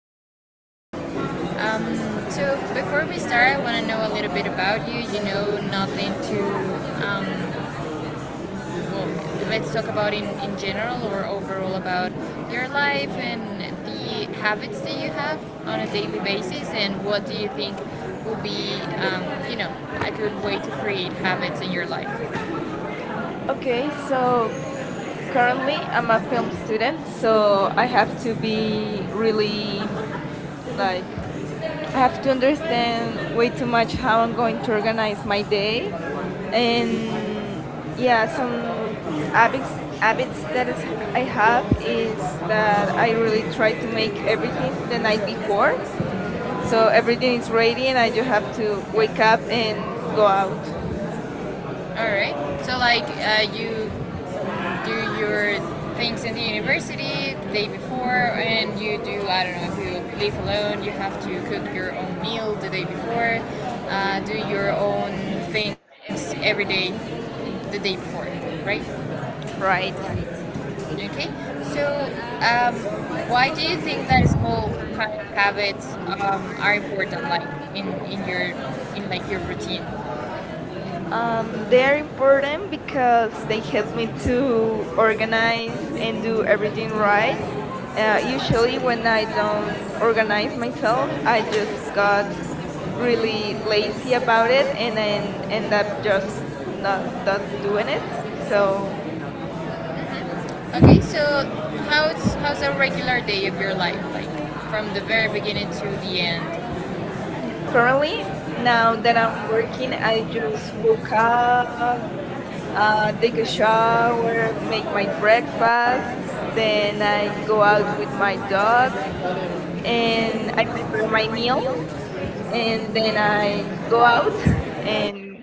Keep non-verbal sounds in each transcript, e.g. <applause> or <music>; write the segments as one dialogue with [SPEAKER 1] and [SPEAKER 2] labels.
[SPEAKER 1] about habits. So, before we start, I want to know a little bit about you. You know, nothing to, um, well, let's talk about in general or overall about your life and the habits that you have on a daily basis, and what do you think will be, um, you know, a good way to create habits in your life.
[SPEAKER 2] Okay, so
[SPEAKER 1] So
[SPEAKER 2] currently I'm
[SPEAKER 1] I'm
[SPEAKER 2] a film
[SPEAKER 1] a student,
[SPEAKER 2] student, so
[SPEAKER 1] so I
[SPEAKER 2] I have
[SPEAKER 1] have to
[SPEAKER 2] to
[SPEAKER 1] be
[SPEAKER 2] be really
[SPEAKER 1] really like
[SPEAKER 2] like I
[SPEAKER 1] I
[SPEAKER 2] have
[SPEAKER 1] have
[SPEAKER 2] to
[SPEAKER 1] to
[SPEAKER 2] understand
[SPEAKER 1] understand
[SPEAKER 2] way
[SPEAKER 1] way
[SPEAKER 2] too
[SPEAKER 1] too much
[SPEAKER 2] much
[SPEAKER 1] how
[SPEAKER 2] how
[SPEAKER 1] I'm
[SPEAKER 2] I'm
[SPEAKER 1] going
[SPEAKER 2] going to
[SPEAKER 1] to
[SPEAKER 2] organize
[SPEAKER 1] organize
[SPEAKER 2] my
[SPEAKER 1] my day.
[SPEAKER 2] day.
[SPEAKER 1] And
[SPEAKER 2] And yeah, some
[SPEAKER 1] yes,
[SPEAKER 2] habits
[SPEAKER 1] as
[SPEAKER 2] habits
[SPEAKER 1] it's
[SPEAKER 2] that is
[SPEAKER 1] business we
[SPEAKER 2] I have
[SPEAKER 1] have, but
[SPEAKER 2] is
[SPEAKER 1] it's
[SPEAKER 2] that I really
[SPEAKER 1] we
[SPEAKER 2] try
[SPEAKER 1] try to
[SPEAKER 2] to
[SPEAKER 1] make
[SPEAKER 2] make everything
[SPEAKER 1] everything
[SPEAKER 2] the
[SPEAKER 1] the
[SPEAKER 2] night before.
[SPEAKER 1] night before. So
[SPEAKER 2] So
[SPEAKER 1] every
[SPEAKER 2] everything
[SPEAKER 1] day
[SPEAKER 2] is
[SPEAKER 1] is
[SPEAKER 2] ready
[SPEAKER 1] ready,
[SPEAKER 2] and
[SPEAKER 1] and I
[SPEAKER 2] I just
[SPEAKER 1] don't
[SPEAKER 2] have
[SPEAKER 1] have
[SPEAKER 2] to
[SPEAKER 1] to
[SPEAKER 2] wake
[SPEAKER 1] wake up
[SPEAKER 2] up and go out,
[SPEAKER 1] and go. All right. So like you do your things in the university the day before, and you do, I don't know, if you live alone you have to cook your own meal the day before, do your own things every day the day before, right?
[SPEAKER 2] right?
[SPEAKER 1] Okay. So um, why do you think that small kind of habits are important, like in your, in like your routine?
[SPEAKER 2] They are important because they
[SPEAKER 1] Because
[SPEAKER 2] help me
[SPEAKER 1] we do
[SPEAKER 2] to
[SPEAKER 1] organize
[SPEAKER 2] organize and
[SPEAKER 1] and do
[SPEAKER 2] do everything
[SPEAKER 1] everything
[SPEAKER 2] right.
[SPEAKER 1] right.
[SPEAKER 2] Usually,
[SPEAKER 1] Usually
[SPEAKER 2] when
[SPEAKER 1] when
[SPEAKER 2] I
[SPEAKER 1] I
[SPEAKER 2] don't
[SPEAKER 1] don't
[SPEAKER 2] organize
[SPEAKER 1] organize myself,
[SPEAKER 2] myself, I just got
[SPEAKER 1] I just got
[SPEAKER 2] really
[SPEAKER 1] really
[SPEAKER 2] lazy
[SPEAKER 1] lazy
[SPEAKER 2] about
[SPEAKER 1] about
[SPEAKER 2] it
[SPEAKER 1] it,
[SPEAKER 2] and
[SPEAKER 1] and I
[SPEAKER 2] then end
[SPEAKER 1] end
[SPEAKER 2] up
[SPEAKER 1] up just
[SPEAKER 2] just not
[SPEAKER 1] not doing
[SPEAKER 2] doing it.
[SPEAKER 1] it.
[SPEAKER 2] So
[SPEAKER 1] So okay, so how's a regular day of your life like, from the very beginning to the end?
[SPEAKER 2] currently,
[SPEAKER 1] Currently,
[SPEAKER 2] now
[SPEAKER 1] now
[SPEAKER 2] that
[SPEAKER 1] that
[SPEAKER 2] I'm
[SPEAKER 1] I'm
[SPEAKER 2] working,
[SPEAKER 1] working,
[SPEAKER 2] I
[SPEAKER 1] I
[SPEAKER 2] just
[SPEAKER 1] use
[SPEAKER 2] woke up,
[SPEAKER 1] Luca, take
[SPEAKER 2] take a
[SPEAKER 1] a shower,
[SPEAKER 2] shower,
[SPEAKER 1] make
[SPEAKER 2] make my
[SPEAKER 1] my breakfast,
[SPEAKER 2] breakfast, then
[SPEAKER 1] then
[SPEAKER 2] I
[SPEAKER 1] I
[SPEAKER 2] go
[SPEAKER 1] go
[SPEAKER 2] out
[SPEAKER 1] out
[SPEAKER 2] with
[SPEAKER 1] with
[SPEAKER 2] my dog
[SPEAKER 1] my dog,
[SPEAKER 2] and
[SPEAKER 1] and
[SPEAKER 2] I
[SPEAKER 1] I
[SPEAKER 2] prepare
[SPEAKER 1] prepare
[SPEAKER 2] my
[SPEAKER 1] my meal,
[SPEAKER 2] meal and
[SPEAKER 1] and
[SPEAKER 2] then
[SPEAKER 1] then
[SPEAKER 2] I
[SPEAKER 1] I go
[SPEAKER 2] go out <laughs>
[SPEAKER 1] out,
[SPEAKER 2] and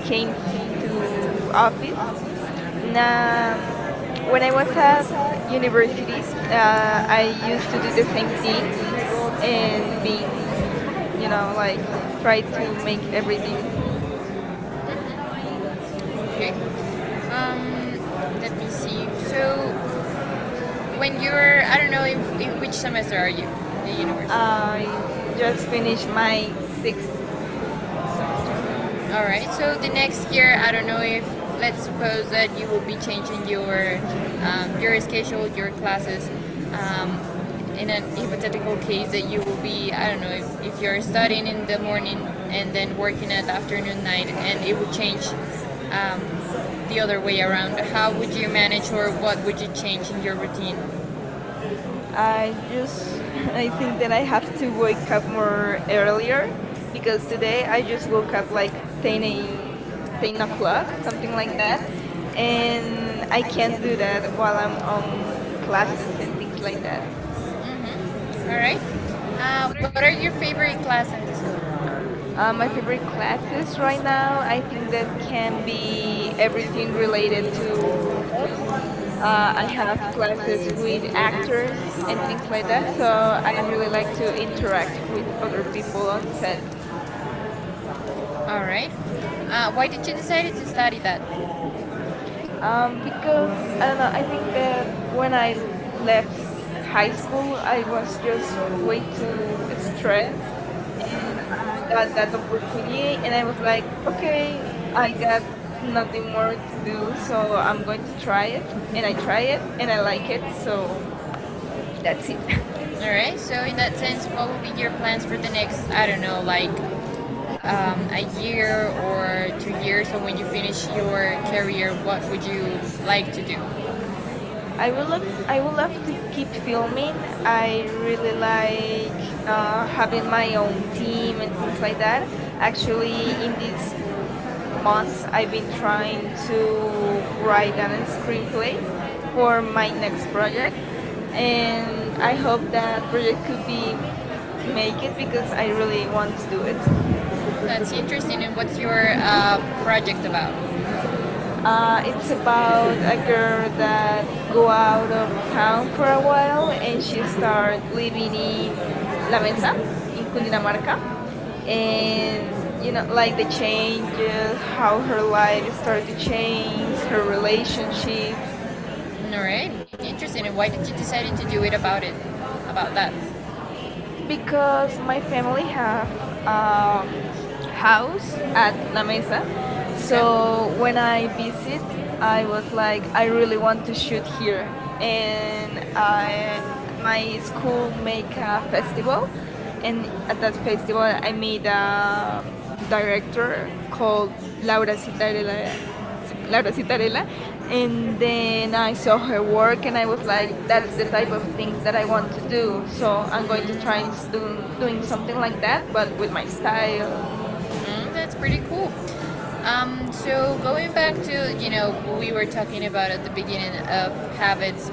[SPEAKER 2] came
[SPEAKER 1] came
[SPEAKER 2] to
[SPEAKER 1] to the
[SPEAKER 2] office.
[SPEAKER 1] office.
[SPEAKER 2] Now, when I was at university,
[SPEAKER 1] Uh,
[SPEAKER 2] I used to do the same things and being, you know, like try to make everything.
[SPEAKER 1] Okay. Um, Let me see. So when you're, I don't know, if, in which semester are you? The university.
[SPEAKER 2] I
[SPEAKER 1] I
[SPEAKER 2] just
[SPEAKER 1] just
[SPEAKER 2] finished
[SPEAKER 1] finish my
[SPEAKER 2] my sixth
[SPEAKER 1] sixth.
[SPEAKER 2] semester.
[SPEAKER 1] All right. So the next year, I don't know if, let's suppose that you will be changing your, your schedule, your classes. Um, in an hypothetical case that you will be, I don't know, if you're studying in the morning and then working at afternoon night, and it will change, um, the other way around. How would you manage, or what would you change in your routine? I
[SPEAKER 2] I
[SPEAKER 1] was
[SPEAKER 2] just <laughs>
[SPEAKER 1] thinking that
[SPEAKER 2] I think that I
[SPEAKER 1] I have
[SPEAKER 2] have
[SPEAKER 1] to
[SPEAKER 2] to wake
[SPEAKER 1] wake up
[SPEAKER 2] up
[SPEAKER 1] more
[SPEAKER 2] more earlier
[SPEAKER 1] earlier,
[SPEAKER 2] because
[SPEAKER 1] because today
[SPEAKER 2] today
[SPEAKER 1] I
[SPEAKER 2] I just
[SPEAKER 1] just
[SPEAKER 2] woke
[SPEAKER 1] woke
[SPEAKER 2] up
[SPEAKER 1] up like
[SPEAKER 2] like 10
[SPEAKER 1] painting,
[SPEAKER 2] a, 10
[SPEAKER 1] painting
[SPEAKER 2] o'clock,
[SPEAKER 1] glass,
[SPEAKER 2] something
[SPEAKER 1] something
[SPEAKER 2] like
[SPEAKER 1] like that,
[SPEAKER 2] that. And
[SPEAKER 1] and I
[SPEAKER 2] I
[SPEAKER 1] can't
[SPEAKER 2] can't
[SPEAKER 1] do
[SPEAKER 2] do
[SPEAKER 1] that
[SPEAKER 2] that while I'm on
[SPEAKER 1] without
[SPEAKER 2] classes
[SPEAKER 1] classes and
[SPEAKER 2] and things
[SPEAKER 1] things
[SPEAKER 2] like
[SPEAKER 1] like that.
[SPEAKER 2] that.
[SPEAKER 1] Mm-hmm. All right. What are your favorite classes in school?
[SPEAKER 2] My favorite classes
[SPEAKER 1] Since right
[SPEAKER 2] right
[SPEAKER 1] now,
[SPEAKER 2] now,
[SPEAKER 1] I
[SPEAKER 2] I
[SPEAKER 1] think
[SPEAKER 2] think
[SPEAKER 1] that
[SPEAKER 2] that can
[SPEAKER 1] can
[SPEAKER 2] be
[SPEAKER 1] be
[SPEAKER 2] everything
[SPEAKER 1] everything related
[SPEAKER 2] related
[SPEAKER 1] to
[SPEAKER 2] to film.
[SPEAKER 1] film.
[SPEAKER 2] I
[SPEAKER 1] I
[SPEAKER 2] have
[SPEAKER 1] have
[SPEAKER 2] classes
[SPEAKER 1] classes
[SPEAKER 2] with
[SPEAKER 1] with actors and
[SPEAKER 2] actors
[SPEAKER 1] things like
[SPEAKER 2] and things
[SPEAKER 1] that,
[SPEAKER 2] like that, so
[SPEAKER 1] so
[SPEAKER 2] I
[SPEAKER 1] I
[SPEAKER 2] really
[SPEAKER 1] really
[SPEAKER 2] like
[SPEAKER 1] like
[SPEAKER 2] to
[SPEAKER 1] to interact
[SPEAKER 2] interact with other
[SPEAKER 1] with
[SPEAKER 2] people
[SPEAKER 1] people
[SPEAKER 2] on
[SPEAKER 1] on
[SPEAKER 2] set.
[SPEAKER 1] set. All right. Why did you decide to study that?
[SPEAKER 2] Because I don't know, I think that when
[SPEAKER 1] When I
[SPEAKER 2] left
[SPEAKER 1] left
[SPEAKER 2] high
[SPEAKER 1] high school,
[SPEAKER 2] school,
[SPEAKER 1] I
[SPEAKER 2] I was
[SPEAKER 1] was
[SPEAKER 2] just way
[SPEAKER 1] faced
[SPEAKER 2] too
[SPEAKER 1] with
[SPEAKER 2] stressed,
[SPEAKER 1] stress,
[SPEAKER 2] and
[SPEAKER 1] and I
[SPEAKER 2] I
[SPEAKER 1] got
[SPEAKER 2] got that
[SPEAKER 1] that
[SPEAKER 2] opportunity,
[SPEAKER 1] opportunity,
[SPEAKER 2] and I
[SPEAKER 1] and I
[SPEAKER 2] was
[SPEAKER 1] was
[SPEAKER 2] like,
[SPEAKER 1] like,
[SPEAKER 2] okay,
[SPEAKER 1] okay, I
[SPEAKER 2] I got
[SPEAKER 1] got nothing
[SPEAKER 2] nothing more
[SPEAKER 1] more
[SPEAKER 2] to
[SPEAKER 1] to do,
[SPEAKER 2] do,
[SPEAKER 1] so
[SPEAKER 2] so
[SPEAKER 1] I'm
[SPEAKER 2] I'm going
[SPEAKER 1] going
[SPEAKER 2] to
[SPEAKER 1] to
[SPEAKER 2] try
[SPEAKER 1] try
[SPEAKER 2] it,
[SPEAKER 1] it,
[SPEAKER 2] and I
[SPEAKER 1] and I
[SPEAKER 2] try
[SPEAKER 1] tried
[SPEAKER 2] it,
[SPEAKER 1] it,
[SPEAKER 2] and
[SPEAKER 1] and
[SPEAKER 2] I
[SPEAKER 1] I
[SPEAKER 2] like it, so
[SPEAKER 1] like
[SPEAKER 2] that's it. <laughs>
[SPEAKER 1] it, so all right. So in that sense, what would be your plans for the next? I don't know, like a year or 2 years, or when you finish your career, what would you like to do?
[SPEAKER 2] I will look. I would love to keep
[SPEAKER 1] Like
[SPEAKER 2] filming. I
[SPEAKER 1] like uh,
[SPEAKER 2] really like having my own team and things like that.
[SPEAKER 1] like
[SPEAKER 2] Actually, in this months I've been trying to write a screenplay for my next project and I hope that project could be make it
[SPEAKER 1] really
[SPEAKER 2] because I really want to do it.
[SPEAKER 1] That's interesting. And what's your project about?
[SPEAKER 2] It's
[SPEAKER 1] uh,
[SPEAKER 2] about a girl that go out of town for a while and she start living in La Mesa in Cundinamarca, and you know like the
[SPEAKER 1] like
[SPEAKER 2] changes, how her life started to change, her relationship.
[SPEAKER 1] All right, interesting. And why did you decide to do it, about that?
[SPEAKER 2] Because
[SPEAKER 1] Because my
[SPEAKER 2] my family
[SPEAKER 1] family
[SPEAKER 2] have um,
[SPEAKER 1] has a house
[SPEAKER 2] house
[SPEAKER 1] at
[SPEAKER 2] at La
[SPEAKER 1] Lamesa.
[SPEAKER 2] Mesa,
[SPEAKER 1] Okay. So
[SPEAKER 2] so when
[SPEAKER 1] when I
[SPEAKER 2] I visit,
[SPEAKER 1] visit, I
[SPEAKER 2] I
[SPEAKER 1] was
[SPEAKER 2] was
[SPEAKER 1] like,
[SPEAKER 2] like, I
[SPEAKER 1] I
[SPEAKER 2] really
[SPEAKER 1] really want
[SPEAKER 2] want to
[SPEAKER 1] to
[SPEAKER 2] shoot
[SPEAKER 1] shoot here.
[SPEAKER 2] here, and
[SPEAKER 1] And
[SPEAKER 2] I
[SPEAKER 1] my
[SPEAKER 2] my
[SPEAKER 1] school
[SPEAKER 2] school make
[SPEAKER 1] make a
[SPEAKER 2] a
[SPEAKER 1] festival,
[SPEAKER 2] festival,
[SPEAKER 1] and
[SPEAKER 2] and
[SPEAKER 1] at
[SPEAKER 2] at that
[SPEAKER 1] that festival first
[SPEAKER 2] festival,
[SPEAKER 1] one,
[SPEAKER 2] I
[SPEAKER 1] I meet
[SPEAKER 2] met
[SPEAKER 1] a
[SPEAKER 2] a
[SPEAKER 1] director
[SPEAKER 2] director
[SPEAKER 1] called
[SPEAKER 2] called
[SPEAKER 1] Laura
[SPEAKER 2] Laura Citarella.
[SPEAKER 1] Citarella,
[SPEAKER 2] Laura
[SPEAKER 1] Laura Citarella,
[SPEAKER 2] Citarella, and
[SPEAKER 1] and
[SPEAKER 2] then
[SPEAKER 1] then
[SPEAKER 2] I
[SPEAKER 1] I
[SPEAKER 2] saw
[SPEAKER 1] saw
[SPEAKER 2] her
[SPEAKER 1] her work
[SPEAKER 2] work, and
[SPEAKER 1] and
[SPEAKER 2] I
[SPEAKER 1] I
[SPEAKER 2] was
[SPEAKER 1] was like,
[SPEAKER 2] like,
[SPEAKER 1] that's
[SPEAKER 2] "That's
[SPEAKER 1] the
[SPEAKER 2] the type
[SPEAKER 1] type of
[SPEAKER 2] of
[SPEAKER 1] things
[SPEAKER 2] things that
[SPEAKER 1] that
[SPEAKER 2] I
[SPEAKER 1] I want
[SPEAKER 2] want to
[SPEAKER 1] to do.
[SPEAKER 2] do." So
[SPEAKER 1] So I'm
[SPEAKER 2] I'm
[SPEAKER 1] going
[SPEAKER 2] going to
[SPEAKER 1] to
[SPEAKER 2] try
[SPEAKER 1] try
[SPEAKER 2] and
[SPEAKER 1] and do
[SPEAKER 2] doing
[SPEAKER 1] doing
[SPEAKER 2] something
[SPEAKER 1] something
[SPEAKER 2] like
[SPEAKER 1] like that,
[SPEAKER 2] that,
[SPEAKER 1] but
[SPEAKER 2] but with
[SPEAKER 1] with
[SPEAKER 2] my
[SPEAKER 1] my
[SPEAKER 2] style.
[SPEAKER 1] style. Mm, that's pretty cool. So going back to, you know, we were talking about at the beginning of habits,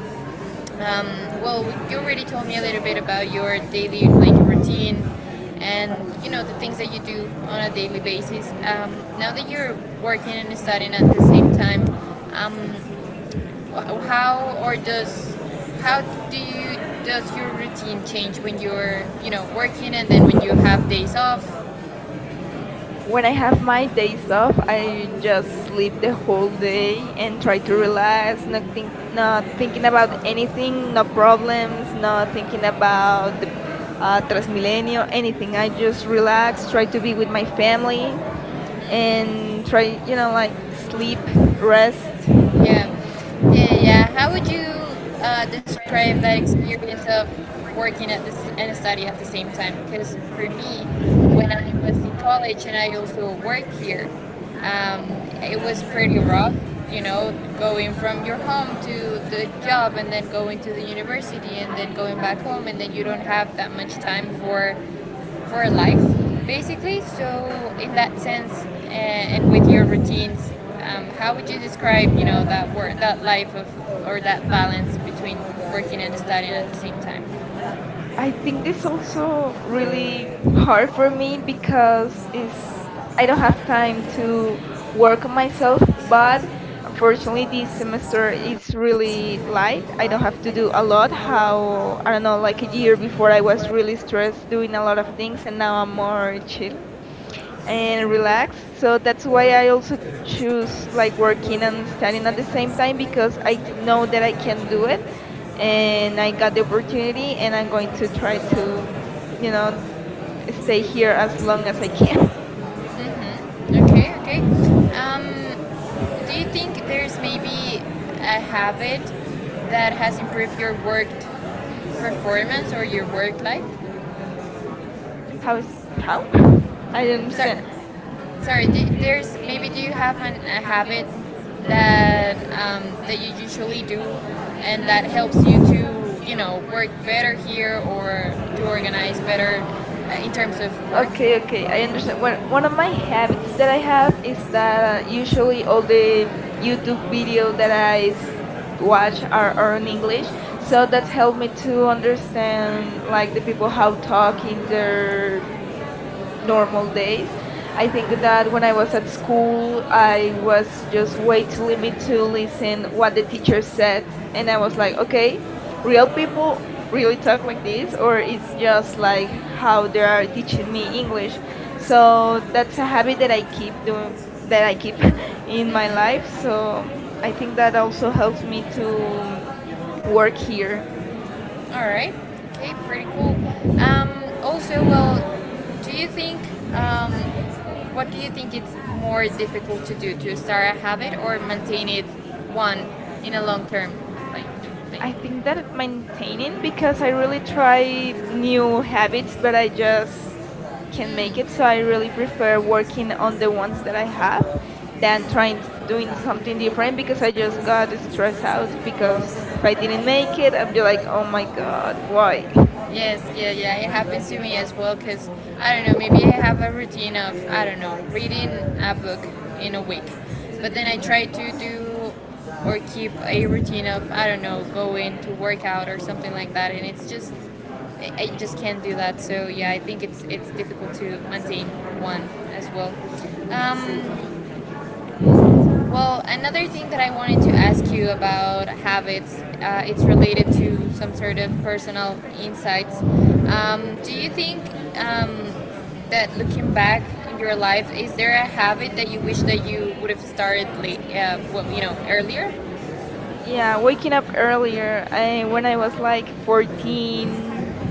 [SPEAKER 1] um, well, you already told me a little bit about your daily like routine, and, you know, the things that you do on a daily basis. Now that you're working and studying at the same time, how or does how do you, does your routine change when you're, you know, working, and then when you have days off?
[SPEAKER 2] When
[SPEAKER 1] When I
[SPEAKER 2] I have
[SPEAKER 1] have my
[SPEAKER 2] my days
[SPEAKER 1] days off,
[SPEAKER 2] off,
[SPEAKER 1] I
[SPEAKER 2] I just
[SPEAKER 1] just
[SPEAKER 2] sleep
[SPEAKER 1] sleep the
[SPEAKER 2] the
[SPEAKER 1] whole
[SPEAKER 2] whole
[SPEAKER 1] day
[SPEAKER 2] day and
[SPEAKER 1] and try
[SPEAKER 2] try to
[SPEAKER 1] to relax
[SPEAKER 2] relax, not
[SPEAKER 1] and
[SPEAKER 2] think,
[SPEAKER 1] not
[SPEAKER 2] not thinking
[SPEAKER 1] think
[SPEAKER 2] about
[SPEAKER 1] about anything,
[SPEAKER 2] anything, no
[SPEAKER 1] no problems,
[SPEAKER 2] problems,
[SPEAKER 1] no
[SPEAKER 2] not thinking
[SPEAKER 1] thinking about
[SPEAKER 2] about the
[SPEAKER 1] transformation,
[SPEAKER 2] Transmilenio,
[SPEAKER 1] anything.
[SPEAKER 2] anything.
[SPEAKER 1] I
[SPEAKER 2] I
[SPEAKER 1] just
[SPEAKER 2] just
[SPEAKER 1] relax,
[SPEAKER 2] relax,
[SPEAKER 1] try
[SPEAKER 2] try
[SPEAKER 1] to
[SPEAKER 2] to
[SPEAKER 1] be
[SPEAKER 2] be with
[SPEAKER 1] with
[SPEAKER 2] my
[SPEAKER 1] my family,
[SPEAKER 2] family, and
[SPEAKER 1] and try to,
[SPEAKER 2] try,
[SPEAKER 1] you
[SPEAKER 2] you know,
[SPEAKER 1] know, like
[SPEAKER 2] like sleep,
[SPEAKER 1] sleep, rest.
[SPEAKER 2] rest.
[SPEAKER 1] Yeah, yeah, yeah, yeah. How would you describe that experience of working at this and study at the same time? Because for me, when I was in college and I also work here, um, it was pretty rough. You know, going from your home to the job and then going to the university and then going back home, and then you don't have that much time for life, basically. So, in that sense, and with your routines, how would you describe, you know, that work, that life of, or that balance between working and studying at the same time?
[SPEAKER 2] I think this also really
[SPEAKER 1] Hard
[SPEAKER 2] hard for
[SPEAKER 1] for me
[SPEAKER 2] me
[SPEAKER 1] because
[SPEAKER 2] because
[SPEAKER 1] it's,
[SPEAKER 2] it's I
[SPEAKER 1] I
[SPEAKER 2] don't
[SPEAKER 1] don't have
[SPEAKER 2] have
[SPEAKER 1] time
[SPEAKER 2] time to
[SPEAKER 1] to work
[SPEAKER 2] work on myself,
[SPEAKER 1] myself, but
[SPEAKER 2] but fortunately
[SPEAKER 1] unfortunately
[SPEAKER 2] this
[SPEAKER 1] this semester
[SPEAKER 2] semester
[SPEAKER 1] is
[SPEAKER 2] is
[SPEAKER 1] really
[SPEAKER 2] really
[SPEAKER 1] light.
[SPEAKER 2] light. I
[SPEAKER 1] I
[SPEAKER 2] don't
[SPEAKER 1] don't have
[SPEAKER 2] have to
[SPEAKER 1] to do
[SPEAKER 2] do a
[SPEAKER 1] a
[SPEAKER 2] lot.
[SPEAKER 1] lot, how,
[SPEAKER 2] How I
[SPEAKER 1] I
[SPEAKER 2] don't
[SPEAKER 1] don't
[SPEAKER 2] know,
[SPEAKER 1] know, like
[SPEAKER 2] like a
[SPEAKER 1] a
[SPEAKER 2] year
[SPEAKER 1] year
[SPEAKER 2] before
[SPEAKER 1] before
[SPEAKER 2] I
[SPEAKER 1] I
[SPEAKER 2] was really stressed doing a lot of things and now I'm more chill and
[SPEAKER 1] and relax.
[SPEAKER 2] relax. So that's why I also choose
[SPEAKER 1] By
[SPEAKER 2] like working
[SPEAKER 1] working
[SPEAKER 2] and
[SPEAKER 1] and studying
[SPEAKER 2] studying at
[SPEAKER 1] at
[SPEAKER 2] the
[SPEAKER 1] the
[SPEAKER 2] same
[SPEAKER 1] same
[SPEAKER 2] time,
[SPEAKER 1] time
[SPEAKER 2] because
[SPEAKER 1] because I
[SPEAKER 2] I
[SPEAKER 1] didn't
[SPEAKER 2] know
[SPEAKER 1] know
[SPEAKER 2] that
[SPEAKER 1] that
[SPEAKER 2] I
[SPEAKER 1] I can
[SPEAKER 2] can
[SPEAKER 1] do
[SPEAKER 2] do it
[SPEAKER 1] it.
[SPEAKER 2] and
[SPEAKER 1] And
[SPEAKER 2] I
[SPEAKER 1] I
[SPEAKER 2] got the
[SPEAKER 1] got the
[SPEAKER 2] opportunity
[SPEAKER 1] opportunity
[SPEAKER 2] and I'm
[SPEAKER 1] and
[SPEAKER 2] going
[SPEAKER 1] I
[SPEAKER 2] to try
[SPEAKER 1] want
[SPEAKER 2] to, you
[SPEAKER 1] to
[SPEAKER 2] know, stay
[SPEAKER 1] stay
[SPEAKER 2] here
[SPEAKER 1] here
[SPEAKER 2] as
[SPEAKER 1] as
[SPEAKER 2] long
[SPEAKER 1] long
[SPEAKER 2] as
[SPEAKER 1] as
[SPEAKER 2] I can.
[SPEAKER 1] I can. Okay, okay. Um, do you think there's maybe a habit that has improved your work performance or your work life?
[SPEAKER 2] <laughs> How is how? <laughs> I don't
[SPEAKER 1] So,
[SPEAKER 2] understand.
[SPEAKER 1] sorry, do, there's maybe do you have an, a habit that that you usually do and that helps you to,
[SPEAKER 2] Oh.
[SPEAKER 1] you know, work better here or to
[SPEAKER 2] uh,
[SPEAKER 1] organize better in terms of work?
[SPEAKER 2] Okay, okay, I understand. One
[SPEAKER 1] And
[SPEAKER 2] one
[SPEAKER 1] one
[SPEAKER 2] of
[SPEAKER 1] of my
[SPEAKER 2] my habits
[SPEAKER 1] habits
[SPEAKER 2] that
[SPEAKER 1] that
[SPEAKER 2] I
[SPEAKER 1] I
[SPEAKER 2] have
[SPEAKER 1] have
[SPEAKER 2] is
[SPEAKER 1] is
[SPEAKER 2] that
[SPEAKER 1] that usually
[SPEAKER 2] usually
[SPEAKER 1] all
[SPEAKER 2] all
[SPEAKER 1] the
[SPEAKER 2] the YouTube
[SPEAKER 1] YouTube
[SPEAKER 2] video
[SPEAKER 1] videos
[SPEAKER 2] that
[SPEAKER 1] that I watch
[SPEAKER 2] watch are, are
[SPEAKER 1] are
[SPEAKER 2] in
[SPEAKER 1] in
[SPEAKER 2] English,
[SPEAKER 1] English, so
[SPEAKER 2] so that's
[SPEAKER 1] that's
[SPEAKER 2] helped
[SPEAKER 1] helped
[SPEAKER 2] me
[SPEAKER 1] me to
[SPEAKER 2] to understand
[SPEAKER 1] understand like
[SPEAKER 2] like the people
[SPEAKER 1] people
[SPEAKER 2] how
[SPEAKER 1] how to
[SPEAKER 2] talk
[SPEAKER 1] talk in
[SPEAKER 2] in their
[SPEAKER 1] their
[SPEAKER 2] normal
[SPEAKER 1] normal
[SPEAKER 2] days.
[SPEAKER 1] days.
[SPEAKER 2] I
[SPEAKER 1] I think
[SPEAKER 2] think
[SPEAKER 1] that
[SPEAKER 2] that when
[SPEAKER 1] when
[SPEAKER 2] I
[SPEAKER 1] I
[SPEAKER 2] was
[SPEAKER 1] was
[SPEAKER 2] at
[SPEAKER 1] in school,
[SPEAKER 2] school,
[SPEAKER 1] I
[SPEAKER 2] I
[SPEAKER 1] was
[SPEAKER 2] was just
[SPEAKER 1] just was
[SPEAKER 2] way
[SPEAKER 1] way
[SPEAKER 2] too
[SPEAKER 1] too
[SPEAKER 2] limited
[SPEAKER 1] willing to
[SPEAKER 2] to
[SPEAKER 1] listen
[SPEAKER 2] listen what
[SPEAKER 1] what
[SPEAKER 2] the
[SPEAKER 1] the
[SPEAKER 2] teacher
[SPEAKER 1] teacher said,
[SPEAKER 2] said,
[SPEAKER 1] and
[SPEAKER 2] and I
[SPEAKER 1] I
[SPEAKER 2] was
[SPEAKER 1] was
[SPEAKER 2] like,
[SPEAKER 1] like, okay,
[SPEAKER 2] okay,
[SPEAKER 1] We
[SPEAKER 2] real people
[SPEAKER 1] we
[SPEAKER 2] really
[SPEAKER 1] really talk
[SPEAKER 2] talk like
[SPEAKER 1] about
[SPEAKER 2] this,
[SPEAKER 1] this,
[SPEAKER 2] or
[SPEAKER 1] or it's
[SPEAKER 2] it's just
[SPEAKER 1] just
[SPEAKER 2] like
[SPEAKER 1] like how
[SPEAKER 2] how they
[SPEAKER 1] we are
[SPEAKER 2] are
[SPEAKER 1] teaching
[SPEAKER 2] teaching me
[SPEAKER 1] English?
[SPEAKER 2] English.
[SPEAKER 1] So
[SPEAKER 2] So that's
[SPEAKER 1] that's
[SPEAKER 2] a
[SPEAKER 1] a
[SPEAKER 2] habit
[SPEAKER 1] habit
[SPEAKER 2] that I keep doing, that
[SPEAKER 1] that
[SPEAKER 2] I
[SPEAKER 1] I
[SPEAKER 2] keep
[SPEAKER 1] keep
[SPEAKER 2] <laughs>
[SPEAKER 1] in
[SPEAKER 2] in
[SPEAKER 1] my
[SPEAKER 2] my life.
[SPEAKER 1] life.
[SPEAKER 2] So
[SPEAKER 1] So
[SPEAKER 2] I think that
[SPEAKER 1] that
[SPEAKER 2] also
[SPEAKER 1] also helps
[SPEAKER 2] helps
[SPEAKER 1] me
[SPEAKER 2] me to
[SPEAKER 1] to
[SPEAKER 2] work
[SPEAKER 1] work
[SPEAKER 2] here.
[SPEAKER 1] here. All right. Okay, pretty cool. Um, also, well, do you think um, what do you think it's more difficult to do, to start a habit or maintain it one in a long term like thing?
[SPEAKER 2] I think
[SPEAKER 1] Maintain
[SPEAKER 2] that maintaining
[SPEAKER 1] it
[SPEAKER 2] because
[SPEAKER 1] because
[SPEAKER 2] I
[SPEAKER 1] I want
[SPEAKER 2] really
[SPEAKER 1] to try
[SPEAKER 2] try new
[SPEAKER 1] new
[SPEAKER 2] habits,
[SPEAKER 1] habits,
[SPEAKER 2] but
[SPEAKER 1] but
[SPEAKER 2] I
[SPEAKER 1] I just
[SPEAKER 2] just can't make it.
[SPEAKER 1] mm.
[SPEAKER 2] So
[SPEAKER 1] So I
[SPEAKER 2] I really
[SPEAKER 1] really prefer
[SPEAKER 2] prefer working
[SPEAKER 1] working
[SPEAKER 2] on
[SPEAKER 1] on
[SPEAKER 2] the
[SPEAKER 1] the
[SPEAKER 2] ones
[SPEAKER 1] ones
[SPEAKER 2] that
[SPEAKER 1] that
[SPEAKER 2] I
[SPEAKER 1] I
[SPEAKER 2] have
[SPEAKER 1] have
[SPEAKER 2] than
[SPEAKER 1] than trying
[SPEAKER 2] trying to
[SPEAKER 1] to do
[SPEAKER 2] doing something
[SPEAKER 1] something
[SPEAKER 2] different
[SPEAKER 1] different,
[SPEAKER 2] because
[SPEAKER 1] because
[SPEAKER 2] I
[SPEAKER 1] I just
[SPEAKER 2] just got
[SPEAKER 1] can't
[SPEAKER 2] stressed
[SPEAKER 1] stress
[SPEAKER 2] out because if
[SPEAKER 1] out.
[SPEAKER 2] I
[SPEAKER 1] Like I
[SPEAKER 2] didn't make
[SPEAKER 1] make
[SPEAKER 2] it,
[SPEAKER 1] it
[SPEAKER 2] I'm
[SPEAKER 1] and
[SPEAKER 2] just
[SPEAKER 1] be
[SPEAKER 2] like,
[SPEAKER 1] like,
[SPEAKER 2] oh
[SPEAKER 1] oh
[SPEAKER 2] my
[SPEAKER 1] my
[SPEAKER 2] god,
[SPEAKER 1] god,
[SPEAKER 2] why? <laughs>
[SPEAKER 1] why? Yes, yeah, yeah. It happens to me as well because I don't know, maybe I have a routine of, I don't know, reading a book in a week. But then I try to do or keep a routine of, I don't know, going to workout or something like that. And it's just, I just can't do that. So yeah, I think it's difficult to maintain one as well. Um, Another thing that I wanted to ask you about habits, it's related to some sort of personal insights. Do you think um, that looking back in your life, is there a habit that you wish that you would have started late, you know, earlier?
[SPEAKER 2] Yeah,
[SPEAKER 1] Yeah,
[SPEAKER 2] waking
[SPEAKER 1] waking up
[SPEAKER 2] up
[SPEAKER 1] early
[SPEAKER 2] earlier. I
[SPEAKER 1] and
[SPEAKER 2] When I was like
[SPEAKER 1] when food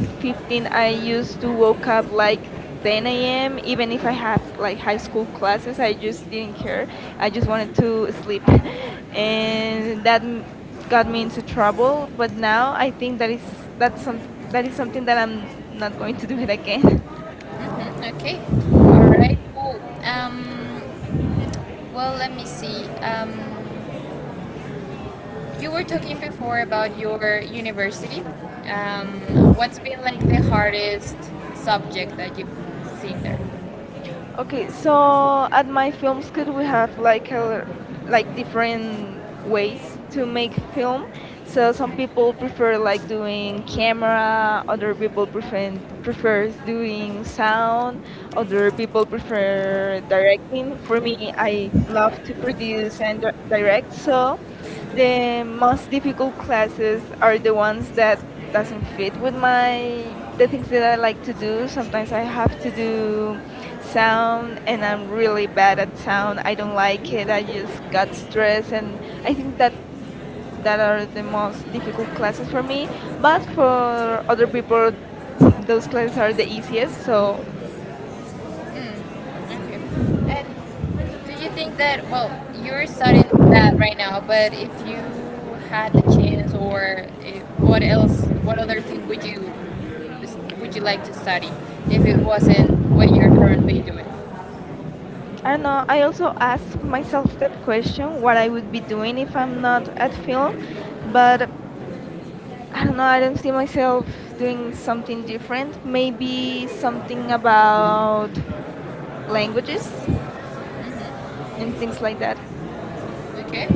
[SPEAKER 1] I
[SPEAKER 2] 15, I used to woke
[SPEAKER 1] woke
[SPEAKER 2] up
[SPEAKER 1] up like
[SPEAKER 2] like
[SPEAKER 1] then, even
[SPEAKER 2] 10 a.m.
[SPEAKER 1] if
[SPEAKER 2] Even if
[SPEAKER 1] I
[SPEAKER 2] I had
[SPEAKER 1] had
[SPEAKER 2] like
[SPEAKER 1] like
[SPEAKER 2] high
[SPEAKER 1] high
[SPEAKER 2] school
[SPEAKER 1] school
[SPEAKER 2] classes,
[SPEAKER 1] classes
[SPEAKER 2] I
[SPEAKER 1] I just,
[SPEAKER 2] just didn't care.
[SPEAKER 1] I
[SPEAKER 2] I just
[SPEAKER 1] just
[SPEAKER 2] wanted
[SPEAKER 1] wanted to
[SPEAKER 2] to sleep,
[SPEAKER 1] sleep.
[SPEAKER 2] <laughs>
[SPEAKER 1] And
[SPEAKER 2] and
[SPEAKER 1] that
[SPEAKER 2] got
[SPEAKER 1] got me
[SPEAKER 2] me into
[SPEAKER 1] into
[SPEAKER 2] trouble.
[SPEAKER 1] trouble. But
[SPEAKER 2] But
[SPEAKER 1] now
[SPEAKER 2] now
[SPEAKER 1] I
[SPEAKER 2] I think
[SPEAKER 1] think
[SPEAKER 2] that is
[SPEAKER 1] that's
[SPEAKER 2] that's some
[SPEAKER 1] something
[SPEAKER 2] that
[SPEAKER 1] that
[SPEAKER 2] is
[SPEAKER 1] is
[SPEAKER 2] something
[SPEAKER 1] something
[SPEAKER 2] that
[SPEAKER 1] that
[SPEAKER 2] I'm not going to do it
[SPEAKER 1] I'm going
[SPEAKER 2] again. <laughs>
[SPEAKER 1] mhm, okay. All right. Cool. Let me see. You were talking before about your university. Um, what's been like the hardest subject that you've seen there?
[SPEAKER 2] Okay,
[SPEAKER 1] So,
[SPEAKER 2] so at my film school we have like a,
[SPEAKER 1] like, um,
[SPEAKER 2] like
[SPEAKER 1] like
[SPEAKER 2] different
[SPEAKER 1] ways
[SPEAKER 2] ways
[SPEAKER 1] to
[SPEAKER 2] to
[SPEAKER 1] make
[SPEAKER 2] make
[SPEAKER 1] it.
[SPEAKER 2] film.
[SPEAKER 1] Work. So
[SPEAKER 2] So
[SPEAKER 1] some
[SPEAKER 2] some
[SPEAKER 1] people
[SPEAKER 2] people
[SPEAKER 1] prefer
[SPEAKER 2] prefer like doing
[SPEAKER 1] like camera
[SPEAKER 2] camera, other people prefer prefers
[SPEAKER 1] for
[SPEAKER 2] doing
[SPEAKER 1] sound,
[SPEAKER 2] sound,
[SPEAKER 1] other
[SPEAKER 2] other people
[SPEAKER 1] people prefer,
[SPEAKER 2] prefer directing.
[SPEAKER 1] for
[SPEAKER 2] For
[SPEAKER 1] me
[SPEAKER 2] me,
[SPEAKER 1] I
[SPEAKER 2] I love to
[SPEAKER 1] really
[SPEAKER 2] produce and
[SPEAKER 1] understand direct.
[SPEAKER 2] direct.
[SPEAKER 1] So
[SPEAKER 2] So
[SPEAKER 1] the
[SPEAKER 2] the
[SPEAKER 1] most
[SPEAKER 2] most
[SPEAKER 1] difficult
[SPEAKER 2] difficult
[SPEAKER 1] classes
[SPEAKER 2] classes
[SPEAKER 1] are
[SPEAKER 2] are
[SPEAKER 1] the
[SPEAKER 2] the
[SPEAKER 1] ones
[SPEAKER 2] ones
[SPEAKER 1] that
[SPEAKER 2] that doesn't fit with
[SPEAKER 1] sound,
[SPEAKER 2] my the things that I like to do. Sometimes I have to do sound
[SPEAKER 1] and
[SPEAKER 2] and
[SPEAKER 1] I
[SPEAKER 2] I'm
[SPEAKER 1] really
[SPEAKER 2] really
[SPEAKER 1] bad
[SPEAKER 2] bad at
[SPEAKER 1] sound
[SPEAKER 2] sound. I don't
[SPEAKER 1] and my,
[SPEAKER 2] like it.
[SPEAKER 1] and I
[SPEAKER 2] I just
[SPEAKER 1] just got
[SPEAKER 2] got
[SPEAKER 1] stressed,
[SPEAKER 2] stressed
[SPEAKER 1] and
[SPEAKER 2] and
[SPEAKER 1] I
[SPEAKER 2] I
[SPEAKER 1] think
[SPEAKER 2] think
[SPEAKER 1] that
[SPEAKER 2] that that
[SPEAKER 1] not
[SPEAKER 2] are
[SPEAKER 1] only
[SPEAKER 2] the most difficult classes for
[SPEAKER 1] because,
[SPEAKER 2] me. But
[SPEAKER 1] but
[SPEAKER 2] for
[SPEAKER 1] for
[SPEAKER 2] other
[SPEAKER 1] other
[SPEAKER 2] people
[SPEAKER 1] people it's
[SPEAKER 2] those classes are
[SPEAKER 1] concerned the
[SPEAKER 2] the easiest.
[SPEAKER 1] easiest
[SPEAKER 2] So
[SPEAKER 1] so okay. And do you think that, well, you're studying that right now, but if you had the chance or if, what else, what other thing would you like to study if it wasn't what you're currently doing?
[SPEAKER 2] I don't know. I
[SPEAKER 1] Something
[SPEAKER 2] also ask myself that question what I would be doing if I'm not at film. But I don't know, I don't see myself doing something different. Maybe something about languages
[SPEAKER 1] like
[SPEAKER 2] and things like that.
[SPEAKER 1] like okay.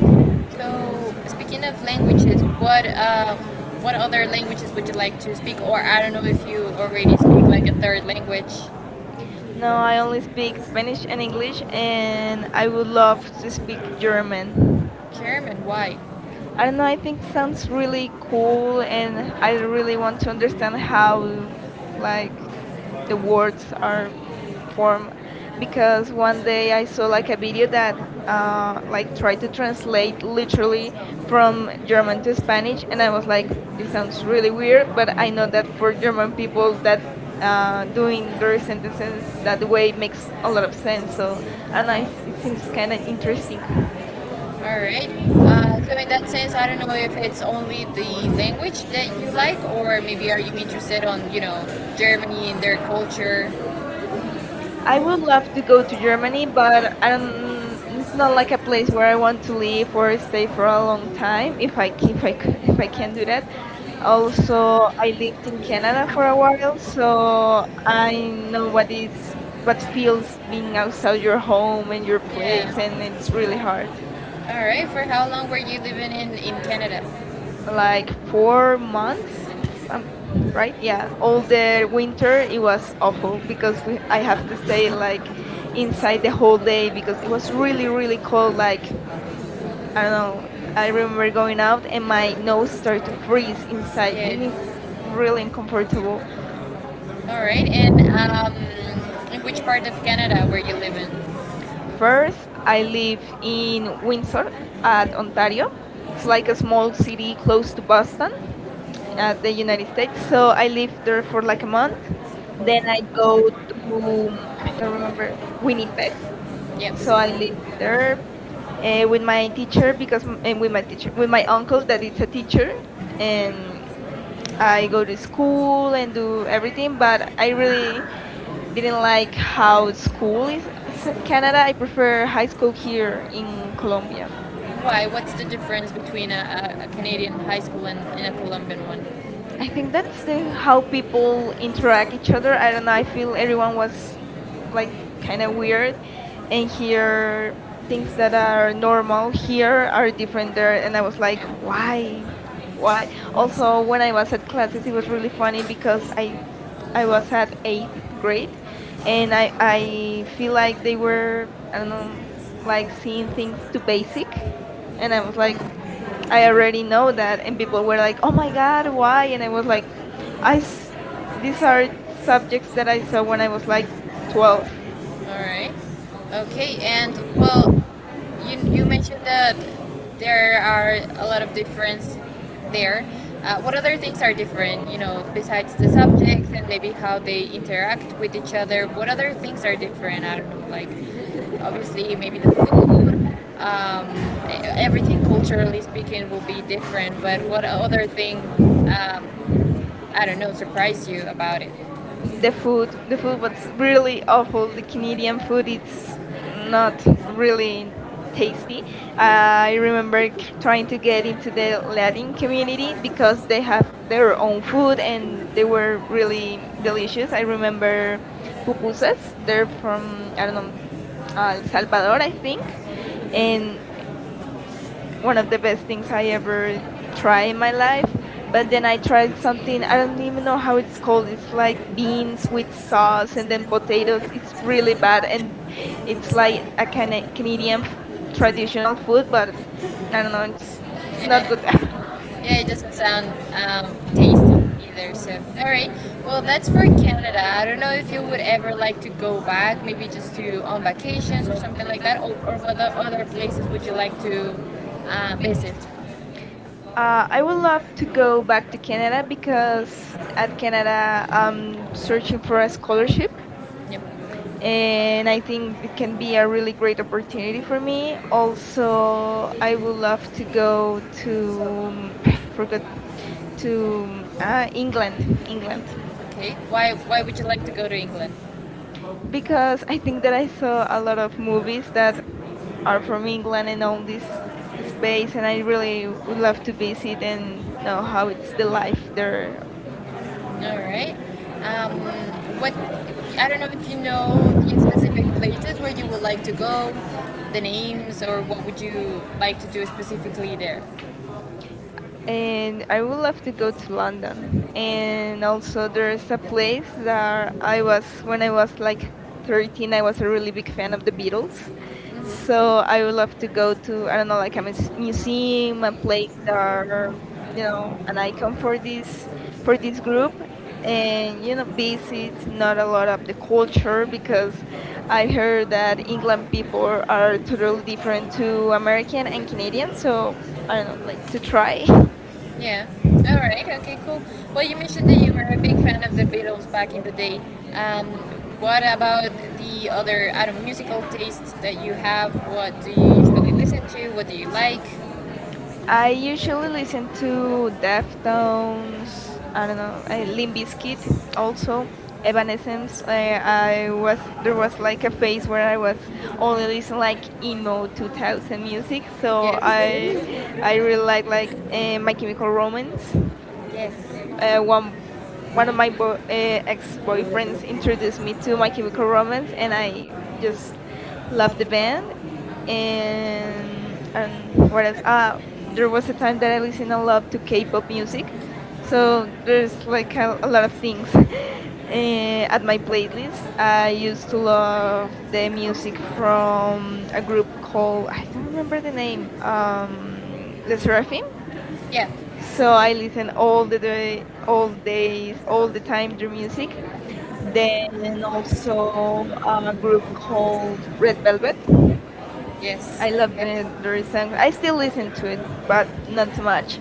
[SPEAKER 1] So speaking of languages, what other languages would you like to speak? Or I don't know if you already speak like a third language. No,
[SPEAKER 2] No, I only speak Spanish and English, and I would love to speak German.
[SPEAKER 1] German, why?
[SPEAKER 2] I
[SPEAKER 1] I
[SPEAKER 2] don't
[SPEAKER 1] don't
[SPEAKER 2] know, I
[SPEAKER 1] know,
[SPEAKER 2] think
[SPEAKER 1] it sounds
[SPEAKER 2] sounds
[SPEAKER 1] really
[SPEAKER 2] really
[SPEAKER 1] good
[SPEAKER 2] cool, and
[SPEAKER 1] and I
[SPEAKER 2] I
[SPEAKER 1] don't
[SPEAKER 2] really want to understand
[SPEAKER 1] understand how
[SPEAKER 2] how,
[SPEAKER 1] like the
[SPEAKER 2] like,
[SPEAKER 1] words was
[SPEAKER 2] the words are
[SPEAKER 1] being formed
[SPEAKER 2] formed
[SPEAKER 1] because
[SPEAKER 2] because
[SPEAKER 1] most
[SPEAKER 2] one
[SPEAKER 1] of the
[SPEAKER 2] day I
[SPEAKER 1] books
[SPEAKER 2] saw
[SPEAKER 1] but
[SPEAKER 2] like a video
[SPEAKER 1] you
[SPEAKER 2] that
[SPEAKER 1] have
[SPEAKER 2] like
[SPEAKER 1] like for
[SPEAKER 2] tried to
[SPEAKER 1] the
[SPEAKER 2] translate
[SPEAKER 1] which is
[SPEAKER 2] literally
[SPEAKER 1] from
[SPEAKER 2] from German
[SPEAKER 1] German to
[SPEAKER 2] to
[SPEAKER 1] Spanish
[SPEAKER 2] Spanish, and I was
[SPEAKER 1] and like
[SPEAKER 2] like,
[SPEAKER 1] it
[SPEAKER 2] this
[SPEAKER 1] sounds
[SPEAKER 2] sounds really
[SPEAKER 1] really weird.
[SPEAKER 2] weird,
[SPEAKER 1] I
[SPEAKER 2] but I know
[SPEAKER 1] thought that
[SPEAKER 2] that
[SPEAKER 1] it
[SPEAKER 2] for
[SPEAKER 1] was about
[SPEAKER 2] German
[SPEAKER 1] people
[SPEAKER 2] people
[SPEAKER 1] that
[SPEAKER 2] that
[SPEAKER 1] we
[SPEAKER 2] doing their sentences
[SPEAKER 1] understand that
[SPEAKER 2] that
[SPEAKER 1] the way
[SPEAKER 2] way
[SPEAKER 1] it makes
[SPEAKER 2] makes a
[SPEAKER 1] a
[SPEAKER 2] lot
[SPEAKER 1] lot
[SPEAKER 2] of
[SPEAKER 1] of
[SPEAKER 2] sense.
[SPEAKER 1] sense
[SPEAKER 2] So, and
[SPEAKER 1] and I
[SPEAKER 2] I, it seems kind of
[SPEAKER 1] since I
[SPEAKER 2] interesting.
[SPEAKER 1] understand all right. So in that sense, I don't know if it's only the language that you like, or maybe are you interested on Germany and their culture?
[SPEAKER 2] I
[SPEAKER 1] I
[SPEAKER 2] would
[SPEAKER 1] would love
[SPEAKER 2] love to
[SPEAKER 1] to go
[SPEAKER 2] go
[SPEAKER 1] to
[SPEAKER 2] to Germany,
[SPEAKER 1] Germany, but I
[SPEAKER 2] but I don't.
[SPEAKER 1] think
[SPEAKER 2] It's
[SPEAKER 1] it's
[SPEAKER 2] not
[SPEAKER 1] not
[SPEAKER 2] like a
[SPEAKER 1] like the
[SPEAKER 2] place
[SPEAKER 1] place
[SPEAKER 2] where
[SPEAKER 1] where
[SPEAKER 2] I
[SPEAKER 1] I
[SPEAKER 2] want
[SPEAKER 1] want
[SPEAKER 2] to
[SPEAKER 1] to be
[SPEAKER 2] live
[SPEAKER 1] or
[SPEAKER 2] or
[SPEAKER 1] I stay
[SPEAKER 2] stay for
[SPEAKER 1] for a
[SPEAKER 2] a long
[SPEAKER 1] long time.
[SPEAKER 2] time.
[SPEAKER 1] If I do
[SPEAKER 2] If I c- <laughs> if I
[SPEAKER 1] I
[SPEAKER 2] can
[SPEAKER 1] can
[SPEAKER 2] do
[SPEAKER 1] do
[SPEAKER 2] that.
[SPEAKER 1] that. Always
[SPEAKER 2] Also,
[SPEAKER 1] Canada.
[SPEAKER 2] I lived in Canada for a while,
[SPEAKER 1] So
[SPEAKER 2] so I
[SPEAKER 1] I don't
[SPEAKER 2] know
[SPEAKER 1] know what
[SPEAKER 2] what is
[SPEAKER 1] it's
[SPEAKER 2] what
[SPEAKER 1] what's
[SPEAKER 2] feels
[SPEAKER 1] famous
[SPEAKER 2] being
[SPEAKER 1] in
[SPEAKER 2] outside
[SPEAKER 1] those
[SPEAKER 2] your
[SPEAKER 1] European
[SPEAKER 2] home
[SPEAKER 1] way
[SPEAKER 2] and your
[SPEAKER 1] of yeah,
[SPEAKER 2] place, and
[SPEAKER 1] doing
[SPEAKER 2] it's
[SPEAKER 1] things.
[SPEAKER 2] really hard.
[SPEAKER 1] All right. For how long were you living in Canada?
[SPEAKER 2] Like 4 months, if I'm right. Yeah, all the winter it was awful because we I have to stay like inside the whole day because it was really really cold. Like I don't know. I remember going out and my nose started to freeze inside, and it's
[SPEAKER 1] Yeah.
[SPEAKER 2] really uncomfortable.
[SPEAKER 1] All right. And in which part of Canada were you living? Bird,
[SPEAKER 2] First,
[SPEAKER 1] I
[SPEAKER 2] I
[SPEAKER 1] eat
[SPEAKER 2] live in
[SPEAKER 1] pizza
[SPEAKER 2] Windsor at
[SPEAKER 1] and
[SPEAKER 2] Ontario.
[SPEAKER 1] Mario.
[SPEAKER 2] It's
[SPEAKER 1] It's like
[SPEAKER 2] like a
[SPEAKER 1] a
[SPEAKER 2] small city close
[SPEAKER 1] first
[SPEAKER 2] to
[SPEAKER 1] class.
[SPEAKER 2] Boston
[SPEAKER 1] So I
[SPEAKER 2] at the United States.
[SPEAKER 1] prefer
[SPEAKER 2] So I lived there for like a
[SPEAKER 1] like
[SPEAKER 2] month.
[SPEAKER 1] that.
[SPEAKER 2] Then
[SPEAKER 1] Then
[SPEAKER 2] I
[SPEAKER 1] I
[SPEAKER 2] go
[SPEAKER 1] go to
[SPEAKER 2] to I don't remember Winnipeg.
[SPEAKER 1] yes,
[SPEAKER 2] So I lived
[SPEAKER 1] and my teacher
[SPEAKER 2] there with my teacher because m- and
[SPEAKER 1] and
[SPEAKER 2] with
[SPEAKER 1] with
[SPEAKER 2] my teacher with my
[SPEAKER 1] my
[SPEAKER 2] uncle
[SPEAKER 1] uncle
[SPEAKER 2] that
[SPEAKER 1] that is
[SPEAKER 2] is a
[SPEAKER 1] a
[SPEAKER 2] teacher
[SPEAKER 1] teacher and I go
[SPEAKER 2] and
[SPEAKER 1] to school
[SPEAKER 2] I go
[SPEAKER 1] every
[SPEAKER 2] to school and do everything. But I really didn't
[SPEAKER 1] didn't
[SPEAKER 2] like
[SPEAKER 1] like how
[SPEAKER 2] how
[SPEAKER 1] school
[SPEAKER 2] school is
[SPEAKER 1] was in
[SPEAKER 2] at Canada.
[SPEAKER 1] Canada
[SPEAKER 2] I prefer
[SPEAKER 1] I
[SPEAKER 2] high
[SPEAKER 1] school
[SPEAKER 2] school here in Colombia.
[SPEAKER 1] here. Why? What's the difference between a Canadian high school and a Colombian one?
[SPEAKER 2] I think
[SPEAKER 1] That's
[SPEAKER 2] that's the
[SPEAKER 1] the, how
[SPEAKER 2] how
[SPEAKER 1] we
[SPEAKER 2] people interact
[SPEAKER 1] interact
[SPEAKER 2] each
[SPEAKER 1] with
[SPEAKER 2] other.
[SPEAKER 1] her
[SPEAKER 2] I don't know. I feel
[SPEAKER 1] and
[SPEAKER 2] everyone was
[SPEAKER 1] like,
[SPEAKER 2] like kind of weird,
[SPEAKER 1] I
[SPEAKER 2] and here things that are normal here are different there. And I was like,
[SPEAKER 1] like,
[SPEAKER 2] why, why? Also, when I
[SPEAKER 1] why,
[SPEAKER 2] was at classes, it was really funny because I was at eighth
[SPEAKER 1] great.
[SPEAKER 2] grade, and
[SPEAKER 1] And I, I
[SPEAKER 2] I feel
[SPEAKER 1] feel
[SPEAKER 2] like they were I don't know like
[SPEAKER 1] like
[SPEAKER 2] seeing things too
[SPEAKER 1] it's basic.
[SPEAKER 2] basic, and
[SPEAKER 1] And
[SPEAKER 2] I
[SPEAKER 1] I
[SPEAKER 2] was like,
[SPEAKER 1] was like,
[SPEAKER 2] I
[SPEAKER 1] I already
[SPEAKER 2] already know
[SPEAKER 1] know
[SPEAKER 2] that,
[SPEAKER 1] that
[SPEAKER 2] and
[SPEAKER 1] people
[SPEAKER 2] people were
[SPEAKER 1] were like,
[SPEAKER 2] like, "Oh
[SPEAKER 1] oh
[SPEAKER 2] my
[SPEAKER 1] my
[SPEAKER 2] God,
[SPEAKER 1] god,
[SPEAKER 2] why?"
[SPEAKER 1] why?
[SPEAKER 2] And I was like,
[SPEAKER 1] But
[SPEAKER 2] "I s- these are
[SPEAKER 1] saw some
[SPEAKER 2] subjects
[SPEAKER 1] things
[SPEAKER 2] that
[SPEAKER 1] that
[SPEAKER 2] I
[SPEAKER 1] I
[SPEAKER 2] saw
[SPEAKER 1] saw
[SPEAKER 2] when I was
[SPEAKER 1] were like,
[SPEAKER 2] like
[SPEAKER 1] well,
[SPEAKER 2] 12.
[SPEAKER 1] all right. Okay. And well, you mentioned that there are a lot of difference there. What other things are different? You know, besides the subjects and maybe how they interact with each other. What other things are different? I don't know. Like, obviously, maybe the food. Um, everything culturally speaking will be different. But what other thing? Um, I don't know. Surprised you about it?
[SPEAKER 2] The food was really awful. The Canadian food, it's not really tasty. I remember trying to get into the Latin community because they have their own food and they were really delicious. I remember pupusas. They're from I don't know El Salvador,
[SPEAKER 1] Thank
[SPEAKER 2] I
[SPEAKER 1] you.
[SPEAKER 2] think, and it's one
[SPEAKER 1] One
[SPEAKER 2] of
[SPEAKER 1] of
[SPEAKER 2] the
[SPEAKER 1] the
[SPEAKER 2] best things
[SPEAKER 1] best
[SPEAKER 2] I
[SPEAKER 1] I
[SPEAKER 2] ever
[SPEAKER 1] ever
[SPEAKER 2] try in my
[SPEAKER 1] tried.
[SPEAKER 2] life.
[SPEAKER 1] I
[SPEAKER 2] But then
[SPEAKER 1] didn't
[SPEAKER 2] I tried something I
[SPEAKER 1] enjoy
[SPEAKER 2] don't
[SPEAKER 1] school.
[SPEAKER 2] even know
[SPEAKER 1] I
[SPEAKER 2] how
[SPEAKER 1] was in
[SPEAKER 2] it's
[SPEAKER 1] school
[SPEAKER 2] called. It's like
[SPEAKER 1] writing
[SPEAKER 2] beans
[SPEAKER 1] books,
[SPEAKER 2] with
[SPEAKER 1] with
[SPEAKER 2] sauce
[SPEAKER 1] songs,
[SPEAKER 2] and
[SPEAKER 1] and then
[SPEAKER 2] then potatoes. It's
[SPEAKER 1] I
[SPEAKER 2] really
[SPEAKER 1] really
[SPEAKER 2] bad,
[SPEAKER 1] bad.
[SPEAKER 2] and it's
[SPEAKER 1] It's like
[SPEAKER 2] like a
[SPEAKER 1] I can
[SPEAKER 2] kind of
[SPEAKER 1] a medium,
[SPEAKER 2] Traditional
[SPEAKER 1] traditional,
[SPEAKER 2] food,
[SPEAKER 1] but
[SPEAKER 2] but I don't
[SPEAKER 1] I
[SPEAKER 2] know.
[SPEAKER 1] don't know.
[SPEAKER 2] It's not good.
[SPEAKER 1] Yeah.
[SPEAKER 2] <laughs>
[SPEAKER 1] Yeah, it doesn't sound tasty either. So, all right. Well, that's for Canada. I don't know if you would ever like to go back, maybe just to on vacations or something like that, or what the other places would you like to visit?
[SPEAKER 2] I
[SPEAKER 1] I
[SPEAKER 2] would
[SPEAKER 1] would
[SPEAKER 2] love
[SPEAKER 1] love
[SPEAKER 2] to
[SPEAKER 1] to
[SPEAKER 2] go
[SPEAKER 1] go back
[SPEAKER 2] back to
[SPEAKER 1] to
[SPEAKER 2] Canada
[SPEAKER 1] Canada because
[SPEAKER 2] because
[SPEAKER 1] I
[SPEAKER 2] at
[SPEAKER 1] think that
[SPEAKER 2] Canada I'm
[SPEAKER 1] I'm
[SPEAKER 2] searching
[SPEAKER 1] searching for
[SPEAKER 2] for a
[SPEAKER 1] inspiration
[SPEAKER 2] scholarship
[SPEAKER 1] yep, and
[SPEAKER 2] and
[SPEAKER 1] that
[SPEAKER 2] I think it can
[SPEAKER 1] can be
[SPEAKER 2] be
[SPEAKER 1] a
[SPEAKER 2] a
[SPEAKER 1] really
[SPEAKER 2] really great
[SPEAKER 1] wonderful
[SPEAKER 2] opportunity for me.
[SPEAKER 1] thing. Also,
[SPEAKER 2] Also,
[SPEAKER 1] I
[SPEAKER 2] I would
[SPEAKER 1] would
[SPEAKER 2] love to go
[SPEAKER 1] love to go to
[SPEAKER 2] to
[SPEAKER 1] Rome.
[SPEAKER 2] <clears throat> forgot to England,
[SPEAKER 1] Okay. Why would you like to go to England?
[SPEAKER 2] because
[SPEAKER 1] Because we
[SPEAKER 2] I
[SPEAKER 1] think
[SPEAKER 2] think that
[SPEAKER 1] that
[SPEAKER 2] I saw a
[SPEAKER 1] I
[SPEAKER 2] lot of movies that are
[SPEAKER 1] England
[SPEAKER 2] from England and all this space, and I really would love to visit and know how it's the life there.
[SPEAKER 1] all right. Um, what I don't know if you know the specific places where you would like to go, the names, or what would you like to do specifically there.
[SPEAKER 2] And
[SPEAKER 1] And I
[SPEAKER 2] I would
[SPEAKER 1] would love
[SPEAKER 2] love to
[SPEAKER 1] to
[SPEAKER 2] go
[SPEAKER 1] just
[SPEAKER 2] to
[SPEAKER 1] walk
[SPEAKER 2] London.
[SPEAKER 1] the and
[SPEAKER 2] And also,
[SPEAKER 1] also
[SPEAKER 2] there's a
[SPEAKER 1] there's
[SPEAKER 2] place
[SPEAKER 1] some I
[SPEAKER 2] that I
[SPEAKER 1] was
[SPEAKER 2] was
[SPEAKER 1] when
[SPEAKER 2] when
[SPEAKER 1] I
[SPEAKER 2] I
[SPEAKER 1] was
[SPEAKER 2] was like
[SPEAKER 1] like first
[SPEAKER 2] 13.
[SPEAKER 1] and
[SPEAKER 2] I
[SPEAKER 1] I was
[SPEAKER 2] was a
[SPEAKER 1] really
[SPEAKER 2] really
[SPEAKER 1] a
[SPEAKER 2] big fan
[SPEAKER 1] fan
[SPEAKER 2] of
[SPEAKER 1] of the
[SPEAKER 2] the Beatles,
[SPEAKER 1] Beatles. So
[SPEAKER 2] so I would love to
[SPEAKER 1] I would go
[SPEAKER 2] go to I don't know
[SPEAKER 1] to
[SPEAKER 2] like
[SPEAKER 1] see
[SPEAKER 2] a museum, a
[SPEAKER 1] like
[SPEAKER 2] place
[SPEAKER 1] place you
[SPEAKER 2] that
[SPEAKER 1] know
[SPEAKER 2] are you know an
[SPEAKER 1] like
[SPEAKER 2] icon
[SPEAKER 1] for kids
[SPEAKER 2] for this
[SPEAKER 1] for
[SPEAKER 2] group.
[SPEAKER 1] and
[SPEAKER 2] And you
[SPEAKER 1] one
[SPEAKER 2] know,
[SPEAKER 1] of
[SPEAKER 2] visit
[SPEAKER 1] these is
[SPEAKER 2] not
[SPEAKER 1] not a
[SPEAKER 2] a lot of the
[SPEAKER 1] lot because
[SPEAKER 2] culture because
[SPEAKER 1] I
[SPEAKER 2] I
[SPEAKER 1] heard
[SPEAKER 2] heard
[SPEAKER 1] that
[SPEAKER 2] that
[SPEAKER 1] a lot
[SPEAKER 2] England people are
[SPEAKER 1] of people
[SPEAKER 2] totally different
[SPEAKER 1] are really
[SPEAKER 2] to American and Canadian.
[SPEAKER 1] so
[SPEAKER 2] So I don't know, like to
[SPEAKER 1] to try.
[SPEAKER 2] try. <laughs>
[SPEAKER 1] Yeah. All right. Okay. Cool. Well, you mentioned that you were a big fan of the Beatles back in the day. Um, what about the other, I don't know, musical tastes that you have? What do you usually listen to? What do you like?
[SPEAKER 2] I
[SPEAKER 1] I usually
[SPEAKER 2] usually
[SPEAKER 1] listen
[SPEAKER 2] listen to
[SPEAKER 1] to that.
[SPEAKER 2] Deftones, I don't know, Limp Bizkit also, Evanescence. I was There was like a phase where I was only listening like emo 2000 music, so
[SPEAKER 1] Yes.
[SPEAKER 2] I really like My Chemical Romance.
[SPEAKER 1] <laughs> Yes.
[SPEAKER 2] uh, one One of my ex-boyfriends introduced me to My Chemical Romance, and I just loved the band.
[SPEAKER 1] Love
[SPEAKER 2] And what else? There was a
[SPEAKER 1] There
[SPEAKER 2] time that I listened a lot to K-pop music,
[SPEAKER 1] So
[SPEAKER 2] so
[SPEAKER 1] there's
[SPEAKER 2] there's
[SPEAKER 1] like
[SPEAKER 2] like a lot of
[SPEAKER 1] Polish
[SPEAKER 2] things <laughs>
[SPEAKER 1] music.
[SPEAKER 2] at
[SPEAKER 1] I
[SPEAKER 2] my
[SPEAKER 1] like
[SPEAKER 2] playlist.
[SPEAKER 1] the
[SPEAKER 2] I used
[SPEAKER 1] to
[SPEAKER 2] to love
[SPEAKER 1] love
[SPEAKER 2] the music from a group called I don't remember the name,
[SPEAKER 1] um,
[SPEAKER 2] Les Seraphim,
[SPEAKER 1] yeah.
[SPEAKER 2] so
[SPEAKER 1] So
[SPEAKER 2] I listen all the day, all days, all the time to music.
[SPEAKER 1] then
[SPEAKER 2] Then
[SPEAKER 1] also
[SPEAKER 2] also a group called
[SPEAKER 1] um,
[SPEAKER 2] Red Velvet.
[SPEAKER 1] yes.
[SPEAKER 2] I
[SPEAKER 1] I not
[SPEAKER 2] love
[SPEAKER 1] okay.
[SPEAKER 2] their
[SPEAKER 1] So
[SPEAKER 2] songs.
[SPEAKER 1] I
[SPEAKER 2] I
[SPEAKER 1] still
[SPEAKER 2] still
[SPEAKER 1] listen
[SPEAKER 2] listen
[SPEAKER 1] to
[SPEAKER 2] to it,
[SPEAKER 1] it,
[SPEAKER 2] but
[SPEAKER 1] but
[SPEAKER 2] not too
[SPEAKER 1] not much.
[SPEAKER 2] much.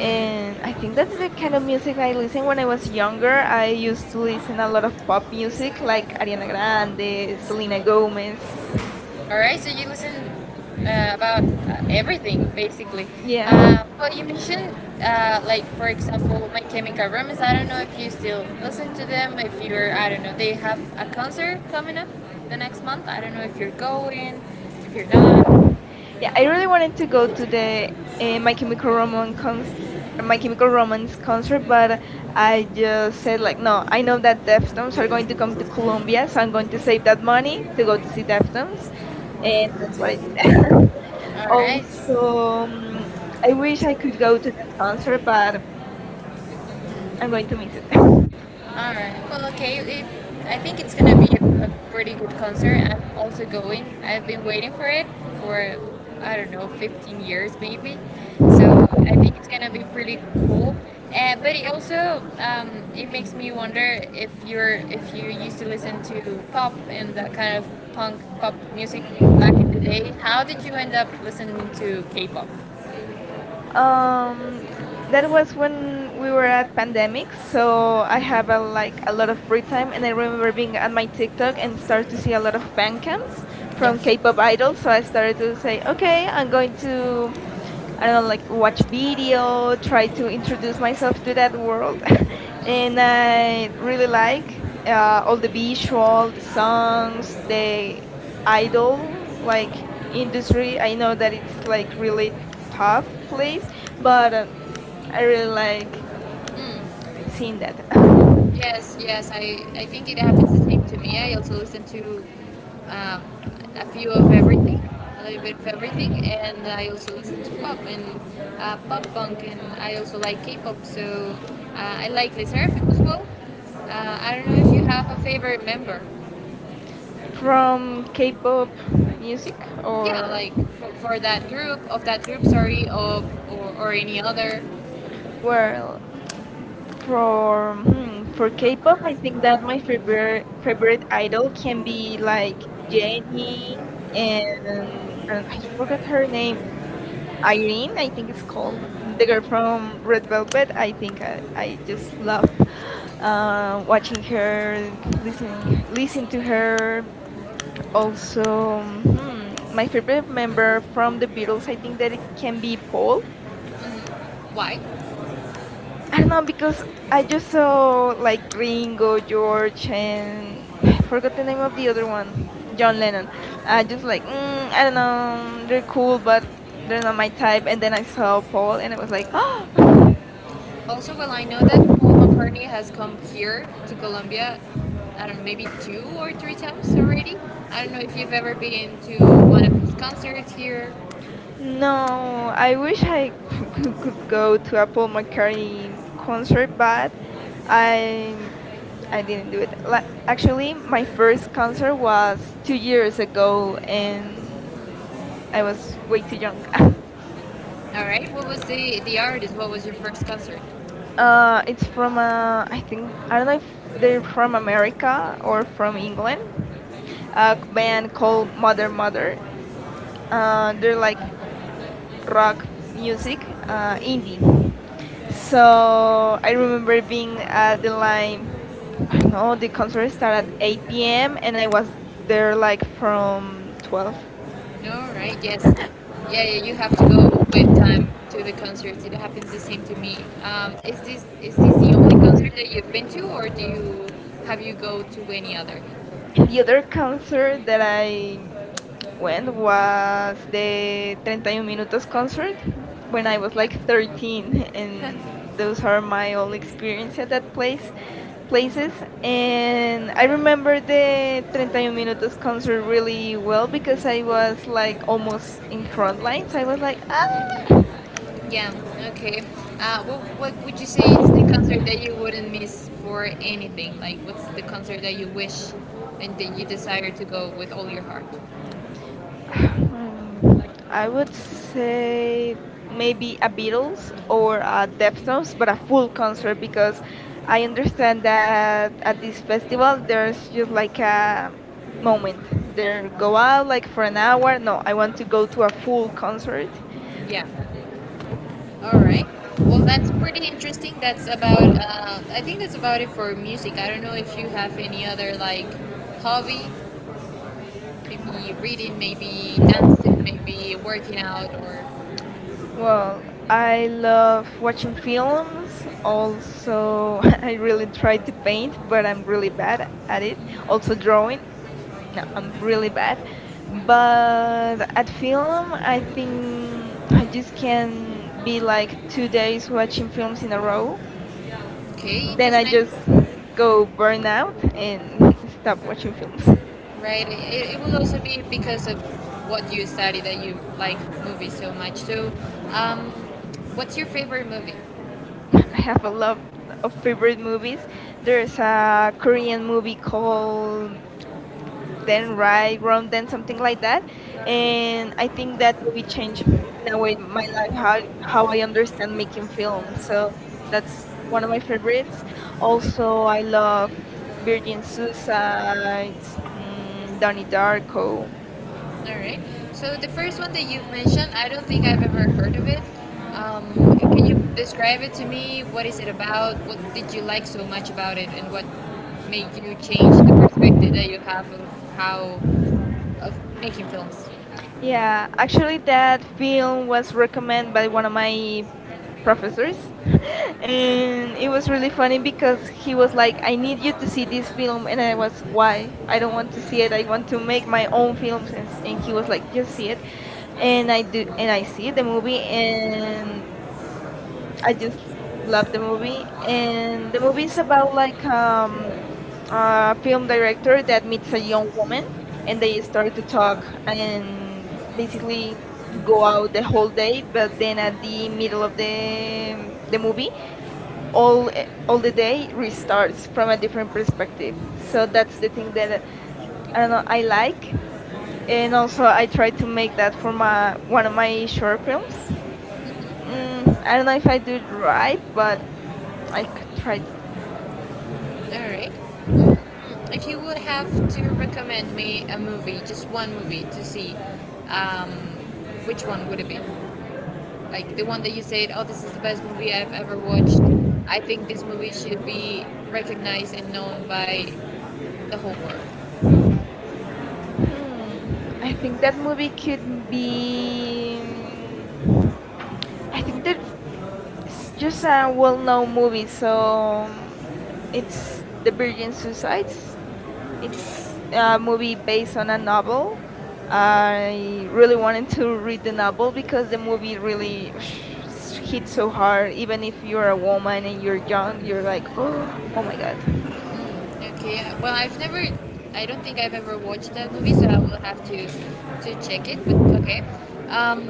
[SPEAKER 2] And I think that's the kind of music I listen when I was younger. I used to
[SPEAKER 1] um,
[SPEAKER 2] listen a lot of pop music
[SPEAKER 1] like
[SPEAKER 2] like Ariana
[SPEAKER 1] uh,
[SPEAKER 2] Grande, Selena
[SPEAKER 1] like
[SPEAKER 2] Gomez.
[SPEAKER 1] oh, all right, so you listen about everything basically.
[SPEAKER 2] Yeah.
[SPEAKER 1] Well, you mentioned like for example, My Chemical Romance. I don't know if you still listen to them. If you're, I don't know, they have a concert coming up the next month. I don't know if you're going, if you're not.
[SPEAKER 2] Yeah,
[SPEAKER 1] I
[SPEAKER 2] I really
[SPEAKER 1] really
[SPEAKER 2] wanted
[SPEAKER 1] wanted to
[SPEAKER 2] to
[SPEAKER 1] go
[SPEAKER 2] go
[SPEAKER 1] to
[SPEAKER 2] to the uh, My Chemical Romance cons- My
[SPEAKER 1] Michael
[SPEAKER 2] Chemical Romance
[SPEAKER 1] Brown's
[SPEAKER 2] concert,
[SPEAKER 1] concert, but
[SPEAKER 2] but
[SPEAKER 1] I
[SPEAKER 2] I just said
[SPEAKER 1] said,
[SPEAKER 2] like,
[SPEAKER 1] well,
[SPEAKER 2] no,
[SPEAKER 1] no, I
[SPEAKER 2] I know
[SPEAKER 1] don't
[SPEAKER 2] that Deftones are
[SPEAKER 1] have
[SPEAKER 2] going to come to Colombia,
[SPEAKER 1] yes,
[SPEAKER 2] so I'm
[SPEAKER 1] I'm
[SPEAKER 2] going
[SPEAKER 1] going
[SPEAKER 2] to
[SPEAKER 1] to say
[SPEAKER 2] save that
[SPEAKER 1] that money
[SPEAKER 2] money to
[SPEAKER 1] to
[SPEAKER 2] go
[SPEAKER 1] go
[SPEAKER 2] to see
[SPEAKER 1] to
[SPEAKER 2] Deftones,
[SPEAKER 1] that.
[SPEAKER 2] and
[SPEAKER 1] And
[SPEAKER 2] that's
[SPEAKER 1] that's
[SPEAKER 2] what I
[SPEAKER 1] it.
[SPEAKER 2] did. <laughs>
[SPEAKER 1] All right.
[SPEAKER 2] Also,
[SPEAKER 1] So
[SPEAKER 2] I
[SPEAKER 1] I wish
[SPEAKER 2] wish I
[SPEAKER 1] I
[SPEAKER 2] could
[SPEAKER 1] could
[SPEAKER 2] go
[SPEAKER 1] go
[SPEAKER 2] to
[SPEAKER 1] to
[SPEAKER 2] that
[SPEAKER 1] that
[SPEAKER 2] concert,
[SPEAKER 1] concert, but
[SPEAKER 2] but I'm going to miss it. <laughs>
[SPEAKER 1] all right. Well, okay. It, I think it's gonna be a pretty good concert. I'm also going. I've been waiting for it for I don't know, 15 years maybe. So I think it's gonna be pretty cool. But it also it makes me wonder if you're if you used to listen to pop and that kind of punk pop music back in the day. How did you end up listening to K-pop?
[SPEAKER 2] Um,
[SPEAKER 1] That's
[SPEAKER 2] that
[SPEAKER 1] what
[SPEAKER 2] was when we
[SPEAKER 1] we
[SPEAKER 2] were
[SPEAKER 1] were at
[SPEAKER 2] at
[SPEAKER 1] the eight,
[SPEAKER 2] pandemic,
[SPEAKER 1] so
[SPEAKER 2] so I
[SPEAKER 1] I have
[SPEAKER 2] have
[SPEAKER 1] like
[SPEAKER 2] like
[SPEAKER 1] a
[SPEAKER 2] a
[SPEAKER 1] lot
[SPEAKER 2] lot
[SPEAKER 1] of
[SPEAKER 2] of free time,
[SPEAKER 1] time
[SPEAKER 2] and I remember
[SPEAKER 1] running
[SPEAKER 2] being
[SPEAKER 1] on
[SPEAKER 2] at
[SPEAKER 1] my
[SPEAKER 2] my
[SPEAKER 1] TikTok
[SPEAKER 2] TikTok and
[SPEAKER 1] and
[SPEAKER 2] start
[SPEAKER 1] started
[SPEAKER 2] to
[SPEAKER 1] seeing
[SPEAKER 2] see a
[SPEAKER 1] a
[SPEAKER 2] lot
[SPEAKER 1] lot
[SPEAKER 2] of
[SPEAKER 1] of
[SPEAKER 2] fan
[SPEAKER 1] animals
[SPEAKER 2] camps
[SPEAKER 1] yeah,
[SPEAKER 2] from
[SPEAKER 1] from K-pop
[SPEAKER 2] K-pop
[SPEAKER 1] so
[SPEAKER 2] idols. So
[SPEAKER 1] I
[SPEAKER 2] I
[SPEAKER 1] started
[SPEAKER 2] started
[SPEAKER 1] saying,
[SPEAKER 2] to say,
[SPEAKER 1] okay,
[SPEAKER 2] okay,
[SPEAKER 1] I'm
[SPEAKER 2] I'm
[SPEAKER 1] going
[SPEAKER 2] going
[SPEAKER 1] to go
[SPEAKER 2] to I don't
[SPEAKER 1] and
[SPEAKER 2] know, like watch
[SPEAKER 1] watch a video,
[SPEAKER 2] video,
[SPEAKER 1] try
[SPEAKER 2] try
[SPEAKER 1] to
[SPEAKER 2] to
[SPEAKER 1] introduce
[SPEAKER 2] introduce
[SPEAKER 1] myself
[SPEAKER 2] myself
[SPEAKER 1] to
[SPEAKER 2] to
[SPEAKER 1] that
[SPEAKER 2] that world,
[SPEAKER 1] world.
[SPEAKER 2] <laughs>
[SPEAKER 1] And
[SPEAKER 2] and
[SPEAKER 1] then
[SPEAKER 2] I really
[SPEAKER 1] really like
[SPEAKER 2] like all the
[SPEAKER 1] movie, short,
[SPEAKER 2] visual, the
[SPEAKER 1] summer,
[SPEAKER 2] songs,
[SPEAKER 1] the
[SPEAKER 2] the
[SPEAKER 1] idol,
[SPEAKER 2] idol
[SPEAKER 1] like
[SPEAKER 2] like
[SPEAKER 1] industry.
[SPEAKER 2] industry.
[SPEAKER 1] I
[SPEAKER 2] I
[SPEAKER 1] know
[SPEAKER 2] know
[SPEAKER 1] that
[SPEAKER 2] that
[SPEAKER 1] it's
[SPEAKER 2] it's
[SPEAKER 1] like
[SPEAKER 2] like
[SPEAKER 1] really
[SPEAKER 2] really
[SPEAKER 1] hot
[SPEAKER 2] tough place,
[SPEAKER 1] place, but
[SPEAKER 2] but I
[SPEAKER 1] I
[SPEAKER 2] really
[SPEAKER 1] mean, like,
[SPEAKER 2] like
[SPEAKER 1] mm.
[SPEAKER 2] seeing that. <laughs>
[SPEAKER 1] Yes, yes. I think it happens the same to me. I also listen to um, a few of everything, a little bit of everything, and I also listen to pop and pop punk, and I also like K-pop. So I like Liz Seraphim as well. I don't know if you have a favorite member.
[SPEAKER 2] From K-pop music
[SPEAKER 1] Yeah,
[SPEAKER 2] or
[SPEAKER 1] like for that group of that group, sorry, of or any other.
[SPEAKER 2] well, For K-pop,
[SPEAKER 1] K-pop, I
[SPEAKER 2] I
[SPEAKER 1] think
[SPEAKER 2] think that
[SPEAKER 1] that
[SPEAKER 2] my favorite
[SPEAKER 1] favorite
[SPEAKER 2] favorite idol
[SPEAKER 1] idol
[SPEAKER 2] can
[SPEAKER 1] can
[SPEAKER 2] be
[SPEAKER 1] be
[SPEAKER 2] like
[SPEAKER 1] like Jane
[SPEAKER 2] Jennie
[SPEAKER 1] and
[SPEAKER 2] and I forgot her name. Irene,
[SPEAKER 1] I
[SPEAKER 2] I think it's called, the girl from Red Velvet. I just love
[SPEAKER 1] love um,
[SPEAKER 2] watching
[SPEAKER 1] watching her,
[SPEAKER 2] her, listen
[SPEAKER 1] listening to
[SPEAKER 2] to
[SPEAKER 1] her.
[SPEAKER 2] her.
[SPEAKER 1] Also,
[SPEAKER 2] Also, hmm,
[SPEAKER 1] my
[SPEAKER 2] my
[SPEAKER 1] favorite
[SPEAKER 2] favorite member
[SPEAKER 1] member
[SPEAKER 2] from the Beatles, I
[SPEAKER 1] from
[SPEAKER 2] think that it can be Paul.
[SPEAKER 1] Kim why?
[SPEAKER 2] I
[SPEAKER 1] I
[SPEAKER 2] don't
[SPEAKER 1] don't
[SPEAKER 2] know
[SPEAKER 1] know,
[SPEAKER 2] because
[SPEAKER 1] because I
[SPEAKER 2] I
[SPEAKER 1] think
[SPEAKER 2] just
[SPEAKER 1] so,
[SPEAKER 2] saw like
[SPEAKER 1] like, being on
[SPEAKER 2] Ringo,
[SPEAKER 1] board
[SPEAKER 2] George,
[SPEAKER 1] and
[SPEAKER 2] and <sighs> I forgot the name of the other one,
[SPEAKER 1] you're
[SPEAKER 2] John
[SPEAKER 1] like,
[SPEAKER 2] Lennon.
[SPEAKER 1] I
[SPEAKER 2] I just
[SPEAKER 1] just like,
[SPEAKER 2] like
[SPEAKER 1] you
[SPEAKER 2] mm, I
[SPEAKER 1] I
[SPEAKER 2] don't
[SPEAKER 1] don't know,
[SPEAKER 2] know, they're cool, but
[SPEAKER 1] this you
[SPEAKER 2] they're not
[SPEAKER 1] know,
[SPEAKER 2] my
[SPEAKER 1] my
[SPEAKER 2] type.
[SPEAKER 1] type,
[SPEAKER 2] And
[SPEAKER 1] and
[SPEAKER 2] then
[SPEAKER 1] then
[SPEAKER 2] I
[SPEAKER 1] I
[SPEAKER 2] saw
[SPEAKER 1] saw Paul
[SPEAKER 2] Paul, and
[SPEAKER 1] and
[SPEAKER 2] I
[SPEAKER 1] I
[SPEAKER 2] was
[SPEAKER 1] was like,
[SPEAKER 2] like, <gasps>
[SPEAKER 1] oh,
[SPEAKER 2] oh,
[SPEAKER 1] also, well, I know that Paul McCartney has come here to Colombia. I don't know, maybe two or three times already. I don't know if you've ever been to one of his concerts here. No,
[SPEAKER 2] no,
[SPEAKER 1] I
[SPEAKER 2] I wish
[SPEAKER 1] usually
[SPEAKER 2] I <laughs> could go
[SPEAKER 1] go
[SPEAKER 2] to a
[SPEAKER 1] purple
[SPEAKER 2] Paul McCartney
[SPEAKER 1] McCray concert,
[SPEAKER 2] concert,
[SPEAKER 1] but I,
[SPEAKER 2] but
[SPEAKER 1] I
[SPEAKER 2] I I didn't do it. Like
[SPEAKER 1] actually
[SPEAKER 2] actually,
[SPEAKER 1] my
[SPEAKER 2] my
[SPEAKER 1] first
[SPEAKER 2] first
[SPEAKER 1] concert
[SPEAKER 2] concert
[SPEAKER 1] was
[SPEAKER 2] was two
[SPEAKER 1] 2 years
[SPEAKER 2] years
[SPEAKER 1] ago,
[SPEAKER 2] ago,
[SPEAKER 1] and
[SPEAKER 2] and I
[SPEAKER 1] I
[SPEAKER 2] was way too
[SPEAKER 1] was
[SPEAKER 2] young. <laughs>
[SPEAKER 1] with all right. What was the artist? What was your first concert?
[SPEAKER 2] Uh, it's
[SPEAKER 1] I
[SPEAKER 2] from uh, I think I don't know
[SPEAKER 1] know
[SPEAKER 2] if
[SPEAKER 1] they're
[SPEAKER 2] they're from
[SPEAKER 1] from America
[SPEAKER 2] America
[SPEAKER 1] or
[SPEAKER 2] or from England.
[SPEAKER 1] from
[SPEAKER 2] A
[SPEAKER 1] a band
[SPEAKER 2] band
[SPEAKER 1] called
[SPEAKER 2] called Mother
[SPEAKER 1] Mother Mother.
[SPEAKER 2] Mother. They're like
[SPEAKER 1] Um, rock
[SPEAKER 2] rock
[SPEAKER 1] music.
[SPEAKER 2] music, indie.
[SPEAKER 1] So
[SPEAKER 2] So I
[SPEAKER 1] I remember
[SPEAKER 2] remember being
[SPEAKER 1] uh,
[SPEAKER 2] at the
[SPEAKER 1] like
[SPEAKER 2] line. I don't know,
[SPEAKER 1] all
[SPEAKER 2] the
[SPEAKER 1] the
[SPEAKER 2] concert
[SPEAKER 1] covers that I
[SPEAKER 2] started at
[SPEAKER 1] made
[SPEAKER 2] 8
[SPEAKER 1] him.
[SPEAKER 2] p.m. and I
[SPEAKER 1] They was
[SPEAKER 2] was there
[SPEAKER 1] they're like
[SPEAKER 2] like
[SPEAKER 1] from
[SPEAKER 2] from 12.
[SPEAKER 1] no, right?
[SPEAKER 2] <laughs>
[SPEAKER 1] Yes.
[SPEAKER 2] The
[SPEAKER 1] Yeah, yeah, you have to go with time to the concerts. It happens the same to me. Is this the only concert that you've been to, or do you have you go to any other? The
[SPEAKER 2] other
[SPEAKER 1] other concert
[SPEAKER 2] concert that
[SPEAKER 1] that I
[SPEAKER 2] I when
[SPEAKER 1] went was
[SPEAKER 2] was
[SPEAKER 1] the
[SPEAKER 2] the 31
[SPEAKER 1] 30
[SPEAKER 2] Minutos concert
[SPEAKER 1] concert
[SPEAKER 2] when
[SPEAKER 1] when I
[SPEAKER 2] I
[SPEAKER 1] was
[SPEAKER 2] was
[SPEAKER 1] yeah,
[SPEAKER 2] like
[SPEAKER 1] like
[SPEAKER 2] 13,
[SPEAKER 1] 13.
[SPEAKER 2] and those are my only experience at that places.
[SPEAKER 1] And
[SPEAKER 2] And
[SPEAKER 1] I
[SPEAKER 2] I
[SPEAKER 1] remember
[SPEAKER 2] remember
[SPEAKER 1] like
[SPEAKER 2] the 31 Minutos concert really well because
[SPEAKER 1] because I
[SPEAKER 2] I was like
[SPEAKER 1] was
[SPEAKER 2] almost in front line, so I was like ah.
[SPEAKER 1] like yeah, okay. What would you say is the concert that you wouldn't miss for anything? Like, what's the concert that you wish and that you desire to go with all your heart?
[SPEAKER 2] Um,
[SPEAKER 1] I
[SPEAKER 2] I would
[SPEAKER 1] would say
[SPEAKER 2] say
[SPEAKER 1] maybe
[SPEAKER 2] maybe a
[SPEAKER 1] abuse
[SPEAKER 2] Beatles or
[SPEAKER 1] or
[SPEAKER 2] a Deftones, but a
[SPEAKER 1] the food
[SPEAKER 2] full
[SPEAKER 1] is the
[SPEAKER 2] concert because
[SPEAKER 1] request. I
[SPEAKER 2] I
[SPEAKER 1] understand
[SPEAKER 2] understand
[SPEAKER 1] that
[SPEAKER 2] that at this
[SPEAKER 1] these festival
[SPEAKER 2] festival there's just
[SPEAKER 1] there's like
[SPEAKER 2] like
[SPEAKER 1] a
[SPEAKER 2] a
[SPEAKER 1] moment
[SPEAKER 2] moment.
[SPEAKER 1] for
[SPEAKER 2] They
[SPEAKER 1] a
[SPEAKER 2] go
[SPEAKER 1] while,
[SPEAKER 2] out like
[SPEAKER 1] like
[SPEAKER 2] for
[SPEAKER 1] for
[SPEAKER 2] an
[SPEAKER 1] an hour,
[SPEAKER 2] hour. No,
[SPEAKER 1] but
[SPEAKER 2] I
[SPEAKER 1] I
[SPEAKER 2] want
[SPEAKER 1] want
[SPEAKER 2] to
[SPEAKER 1] to go
[SPEAKER 2] go to a full concert.
[SPEAKER 1] for an yeah. All right. Well, that's pretty interesting. That's about. I think that's about it for music. I don't know if you have any other like hobby, maybe reading, maybe dancing, maybe working out, or
[SPEAKER 2] Well,
[SPEAKER 1] and
[SPEAKER 2] I love
[SPEAKER 1] what
[SPEAKER 2] watching
[SPEAKER 1] you
[SPEAKER 2] films.
[SPEAKER 1] feel also
[SPEAKER 2] Also, <laughs> I really
[SPEAKER 1] do
[SPEAKER 2] try to
[SPEAKER 1] quite pain
[SPEAKER 2] paint, but
[SPEAKER 1] where I'm
[SPEAKER 2] I'm really
[SPEAKER 1] doing that
[SPEAKER 2] bad at
[SPEAKER 1] and
[SPEAKER 2] it.
[SPEAKER 1] it also
[SPEAKER 2] Also, drawing.
[SPEAKER 1] drawn
[SPEAKER 2] Yeah, I'm really
[SPEAKER 1] really bad.
[SPEAKER 2] bad.
[SPEAKER 1] But
[SPEAKER 2] But at
[SPEAKER 1] at final,
[SPEAKER 2] film,
[SPEAKER 1] I
[SPEAKER 2] I
[SPEAKER 1] feel like
[SPEAKER 2] think I just
[SPEAKER 1] it can
[SPEAKER 2] can be
[SPEAKER 1] be
[SPEAKER 2] like
[SPEAKER 1] like
[SPEAKER 2] two
[SPEAKER 1] 2 days
[SPEAKER 2] days
[SPEAKER 1] where she
[SPEAKER 2] watching films
[SPEAKER 1] feels
[SPEAKER 2] in a
[SPEAKER 1] alone.
[SPEAKER 2] row.
[SPEAKER 1] Okay,
[SPEAKER 2] Then
[SPEAKER 1] interesting.
[SPEAKER 2] I
[SPEAKER 1] Then I
[SPEAKER 2] just
[SPEAKER 1] interesting.
[SPEAKER 2] go
[SPEAKER 1] Go burn
[SPEAKER 2] burn
[SPEAKER 1] out
[SPEAKER 2] out and <laughs> stop watching films.
[SPEAKER 1] and right. It will also be because of what you study that you like movies so much. So, um, what's your favorite movie?
[SPEAKER 2] <laughs> I
[SPEAKER 1] There's
[SPEAKER 2] have a lot of favorite movies.
[SPEAKER 1] a
[SPEAKER 2] There's a
[SPEAKER 1] Korean
[SPEAKER 2] Korean movie
[SPEAKER 1] movie called
[SPEAKER 2] called then
[SPEAKER 1] Death Ride
[SPEAKER 2] right, wrong, then
[SPEAKER 1] and
[SPEAKER 2] something
[SPEAKER 1] something like
[SPEAKER 2] like
[SPEAKER 1] that.
[SPEAKER 2] that.
[SPEAKER 1] And
[SPEAKER 2] And
[SPEAKER 1] I
[SPEAKER 2] I think
[SPEAKER 1] think that
[SPEAKER 2] that movie
[SPEAKER 1] changed
[SPEAKER 2] changed in
[SPEAKER 1] the
[SPEAKER 2] a
[SPEAKER 1] way
[SPEAKER 2] way my
[SPEAKER 1] my life,
[SPEAKER 2] life,
[SPEAKER 1] how
[SPEAKER 2] how
[SPEAKER 1] how I
[SPEAKER 2] I
[SPEAKER 1] understand
[SPEAKER 2] understand
[SPEAKER 1] making
[SPEAKER 2] making films.
[SPEAKER 1] films. So
[SPEAKER 2] So
[SPEAKER 1] that's
[SPEAKER 2] that's one
[SPEAKER 1] one of
[SPEAKER 2] of
[SPEAKER 1] my
[SPEAKER 2] my
[SPEAKER 1] favorites.
[SPEAKER 2] favorites.
[SPEAKER 1] Also,
[SPEAKER 2] Also, I
[SPEAKER 1] I love
[SPEAKER 2] love
[SPEAKER 1] Journey
[SPEAKER 2] Virgin
[SPEAKER 1] since
[SPEAKER 2] Suicides,
[SPEAKER 1] it's
[SPEAKER 2] mm,
[SPEAKER 1] in
[SPEAKER 2] Donnie
[SPEAKER 1] the
[SPEAKER 2] Darko.
[SPEAKER 1] all right. So the first one that you've mentioned, I don't think I've ever heard of it. Um, can you describe it to me? What is it about? What did you like so much about it, and what made you change the perspective that you have of how of making films? Yeah,
[SPEAKER 2] Yeah,
[SPEAKER 1] actually
[SPEAKER 2] actually,
[SPEAKER 1] that
[SPEAKER 2] that
[SPEAKER 1] meal
[SPEAKER 2] film
[SPEAKER 1] was
[SPEAKER 2] was
[SPEAKER 1] recommended
[SPEAKER 2] recommended
[SPEAKER 1] by
[SPEAKER 2] by
[SPEAKER 1] one
[SPEAKER 2] one of
[SPEAKER 1] of my
[SPEAKER 2] my
[SPEAKER 1] properties.
[SPEAKER 2] professors, <laughs>
[SPEAKER 1] And
[SPEAKER 2] and it
[SPEAKER 1] it was
[SPEAKER 2] was really
[SPEAKER 1] really funny
[SPEAKER 2] funny because
[SPEAKER 1] because he
[SPEAKER 2] he
[SPEAKER 1] was
[SPEAKER 2] was
[SPEAKER 1] like,
[SPEAKER 2] like, "I
[SPEAKER 1] no
[SPEAKER 2] need you to
[SPEAKER 1] beauties
[SPEAKER 2] see
[SPEAKER 1] in this
[SPEAKER 2] this
[SPEAKER 1] film
[SPEAKER 2] film," and I
[SPEAKER 1] and
[SPEAKER 2] was,
[SPEAKER 1] why
[SPEAKER 2] "Why?
[SPEAKER 1] I
[SPEAKER 2] I don't
[SPEAKER 1] don't
[SPEAKER 2] want
[SPEAKER 1] see
[SPEAKER 2] to see
[SPEAKER 1] it,
[SPEAKER 2] it.
[SPEAKER 1] I
[SPEAKER 2] I want
[SPEAKER 1] want
[SPEAKER 2] to
[SPEAKER 1] to make
[SPEAKER 2] make
[SPEAKER 1] my
[SPEAKER 2] my
[SPEAKER 1] own
[SPEAKER 2] own films." And, and he
[SPEAKER 1] film.
[SPEAKER 2] was
[SPEAKER 1] Like,
[SPEAKER 2] like,
[SPEAKER 1] you
[SPEAKER 2] "Just
[SPEAKER 1] see
[SPEAKER 2] see
[SPEAKER 1] it.
[SPEAKER 2] it,"
[SPEAKER 1] And
[SPEAKER 2] and
[SPEAKER 1] I,
[SPEAKER 2] I do,
[SPEAKER 1] and
[SPEAKER 2] and I
[SPEAKER 1] I see
[SPEAKER 2] see
[SPEAKER 1] the
[SPEAKER 2] the movie,
[SPEAKER 1] movie
[SPEAKER 2] and
[SPEAKER 1] and I
[SPEAKER 2] I
[SPEAKER 1] did
[SPEAKER 2] just
[SPEAKER 1] love
[SPEAKER 2] love the movie, and
[SPEAKER 1] the
[SPEAKER 2] the movie
[SPEAKER 1] movies
[SPEAKER 2] is
[SPEAKER 1] about
[SPEAKER 2] about like a
[SPEAKER 1] a
[SPEAKER 2] film
[SPEAKER 1] director
[SPEAKER 2] director
[SPEAKER 1] that
[SPEAKER 2] that
[SPEAKER 1] is
[SPEAKER 2] meets a
[SPEAKER 1] a
[SPEAKER 2] young
[SPEAKER 1] young
[SPEAKER 2] woman,
[SPEAKER 1] woman and
[SPEAKER 2] and
[SPEAKER 1] they
[SPEAKER 2] they
[SPEAKER 1] start
[SPEAKER 2] start
[SPEAKER 1] to
[SPEAKER 2] to
[SPEAKER 1] talk
[SPEAKER 2] talk
[SPEAKER 1] and,
[SPEAKER 2] and
[SPEAKER 1] and
[SPEAKER 2] basically
[SPEAKER 1] they go
[SPEAKER 2] go
[SPEAKER 1] out
[SPEAKER 2] out
[SPEAKER 1] and they
[SPEAKER 2] the
[SPEAKER 1] have
[SPEAKER 2] whole day.
[SPEAKER 1] dinner with
[SPEAKER 2] But then
[SPEAKER 1] the,
[SPEAKER 2] at the middle
[SPEAKER 1] the,
[SPEAKER 2] of
[SPEAKER 1] the
[SPEAKER 2] the
[SPEAKER 1] movie
[SPEAKER 2] movie,
[SPEAKER 1] all, all
[SPEAKER 2] all
[SPEAKER 1] the
[SPEAKER 2] the
[SPEAKER 1] day
[SPEAKER 2] day
[SPEAKER 1] starts
[SPEAKER 2] restarts
[SPEAKER 1] from
[SPEAKER 2] from
[SPEAKER 1] a
[SPEAKER 2] a
[SPEAKER 1] different
[SPEAKER 2] different
[SPEAKER 1] perspective.
[SPEAKER 2] perspective. So
[SPEAKER 1] So that's
[SPEAKER 2] that's the thing
[SPEAKER 1] better.
[SPEAKER 2] that I don't
[SPEAKER 1] Uh,
[SPEAKER 2] know
[SPEAKER 1] I
[SPEAKER 2] I like,
[SPEAKER 1] like,
[SPEAKER 2] and
[SPEAKER 1] and also
[SPEAKER 2] also
[SPEAKER 1] I
[SPEAKER 2] I try to
[SPEAKER 1] can
[SPEAKER 2] make
[SPEAKER 1] make that
[SPEAKER 2] that
[SPEAKER 1] for
[SPEAKER 2] for
[SPEAKER 1] my,
[SPEAKER 2] my one of
[SPEAKER 1] body
[SPEAKER 2] my
[SPEAKER 1] for my
[SPEAKER 2] short films.
[SPEAKER 1] purpose.
[SPEAKER 2] Mm, I
[SPEAKER 1] I
[SPEAKER 2] don't know
[SPEAKER 1] don't
[SPEAKER 2] if I
[SPEAKER 1] like
[SPEAKER 2] do it
[SPEAKER 1] to cry,
[SPEAKER 2] right,
[SPEAKER 1] but
[SPEAKER 2] but
[SPEAKER 1] I
[SPEAKER 2] I tried to.
[SPEAKER 1] think. All right. If you would have to recommend me a movie, just one movie to see, um, which one would it be? Like the one that you said, oh, this is the best movie I've ever watched. I think this movie should be recognized and known by the whole world.
[SPEAKER 2] Hmm. I think that movie could be. Mm, I
[SPEAKER 1] I
[SPEAKER 2] think that
[SPEAKER 1] never
[SPEAKER 2] it's just
[SPEAKER 1] just said
[SPEAKER 2] a
[SPEAKER 1] I
[SPEAKER 2] well-known
[SPEAKER 1] really
[SPEAKER 2] movie,
[SPEAKER 1] like
[SPEAKER 2] so
[SPEAKER 1] so
[SPEAKER 2] mm,
[SPEAKER 1] it's
[SPEAKER 2] it's The
[SPEAKER 1] The
[SPEAKER 2] Virgin
[SPEAKER 1] Brooklyn Suicides.
[SPEAKER 2] Suicides. It's a
[SPEAKER 1] Uh,
[SPEAKER 2] movie
[SPEAKER 1] being
[SPEAKER 2] based
[SPEAKER 1] based on
[SPEAKER 2] on a
[SPEAKER 1] a novel,
[SPEAKER 2] novel.
[SPEAKER 1] I
[SPEAKER 2] I really
[SPEAKER 1] really
[SPEAKER 2] wanted
[SPEAKER 1] wanted to
[SPEAKER 2] to
[SPEAKER 1] read
[SPEAKER 2] read the
[SPEAKER 1] the novel
[SPEAKER 2] novel
[SPEAKER 1] because
[SPEAKER 2] because the
[SPEAKER 1] the
[SPEAKER 2] movie
[SPEAKER 1] movie
[SPEAKER 2] really <sighs>
[SPEAKER 1] really
[SPEAKER 2] hit
[SPEAKER 1] hit
[SPEAKER 2] so
[SPEAKER 1] so hard.
[SPEAKER 2] hard. Even if you're a woman and you're young, you're like, <gasps> oh, oh my god.
[SPEAKER 1] Okay, well, I've never, I don't think I've ever watched that movie, so I will have to check it. But okay, um,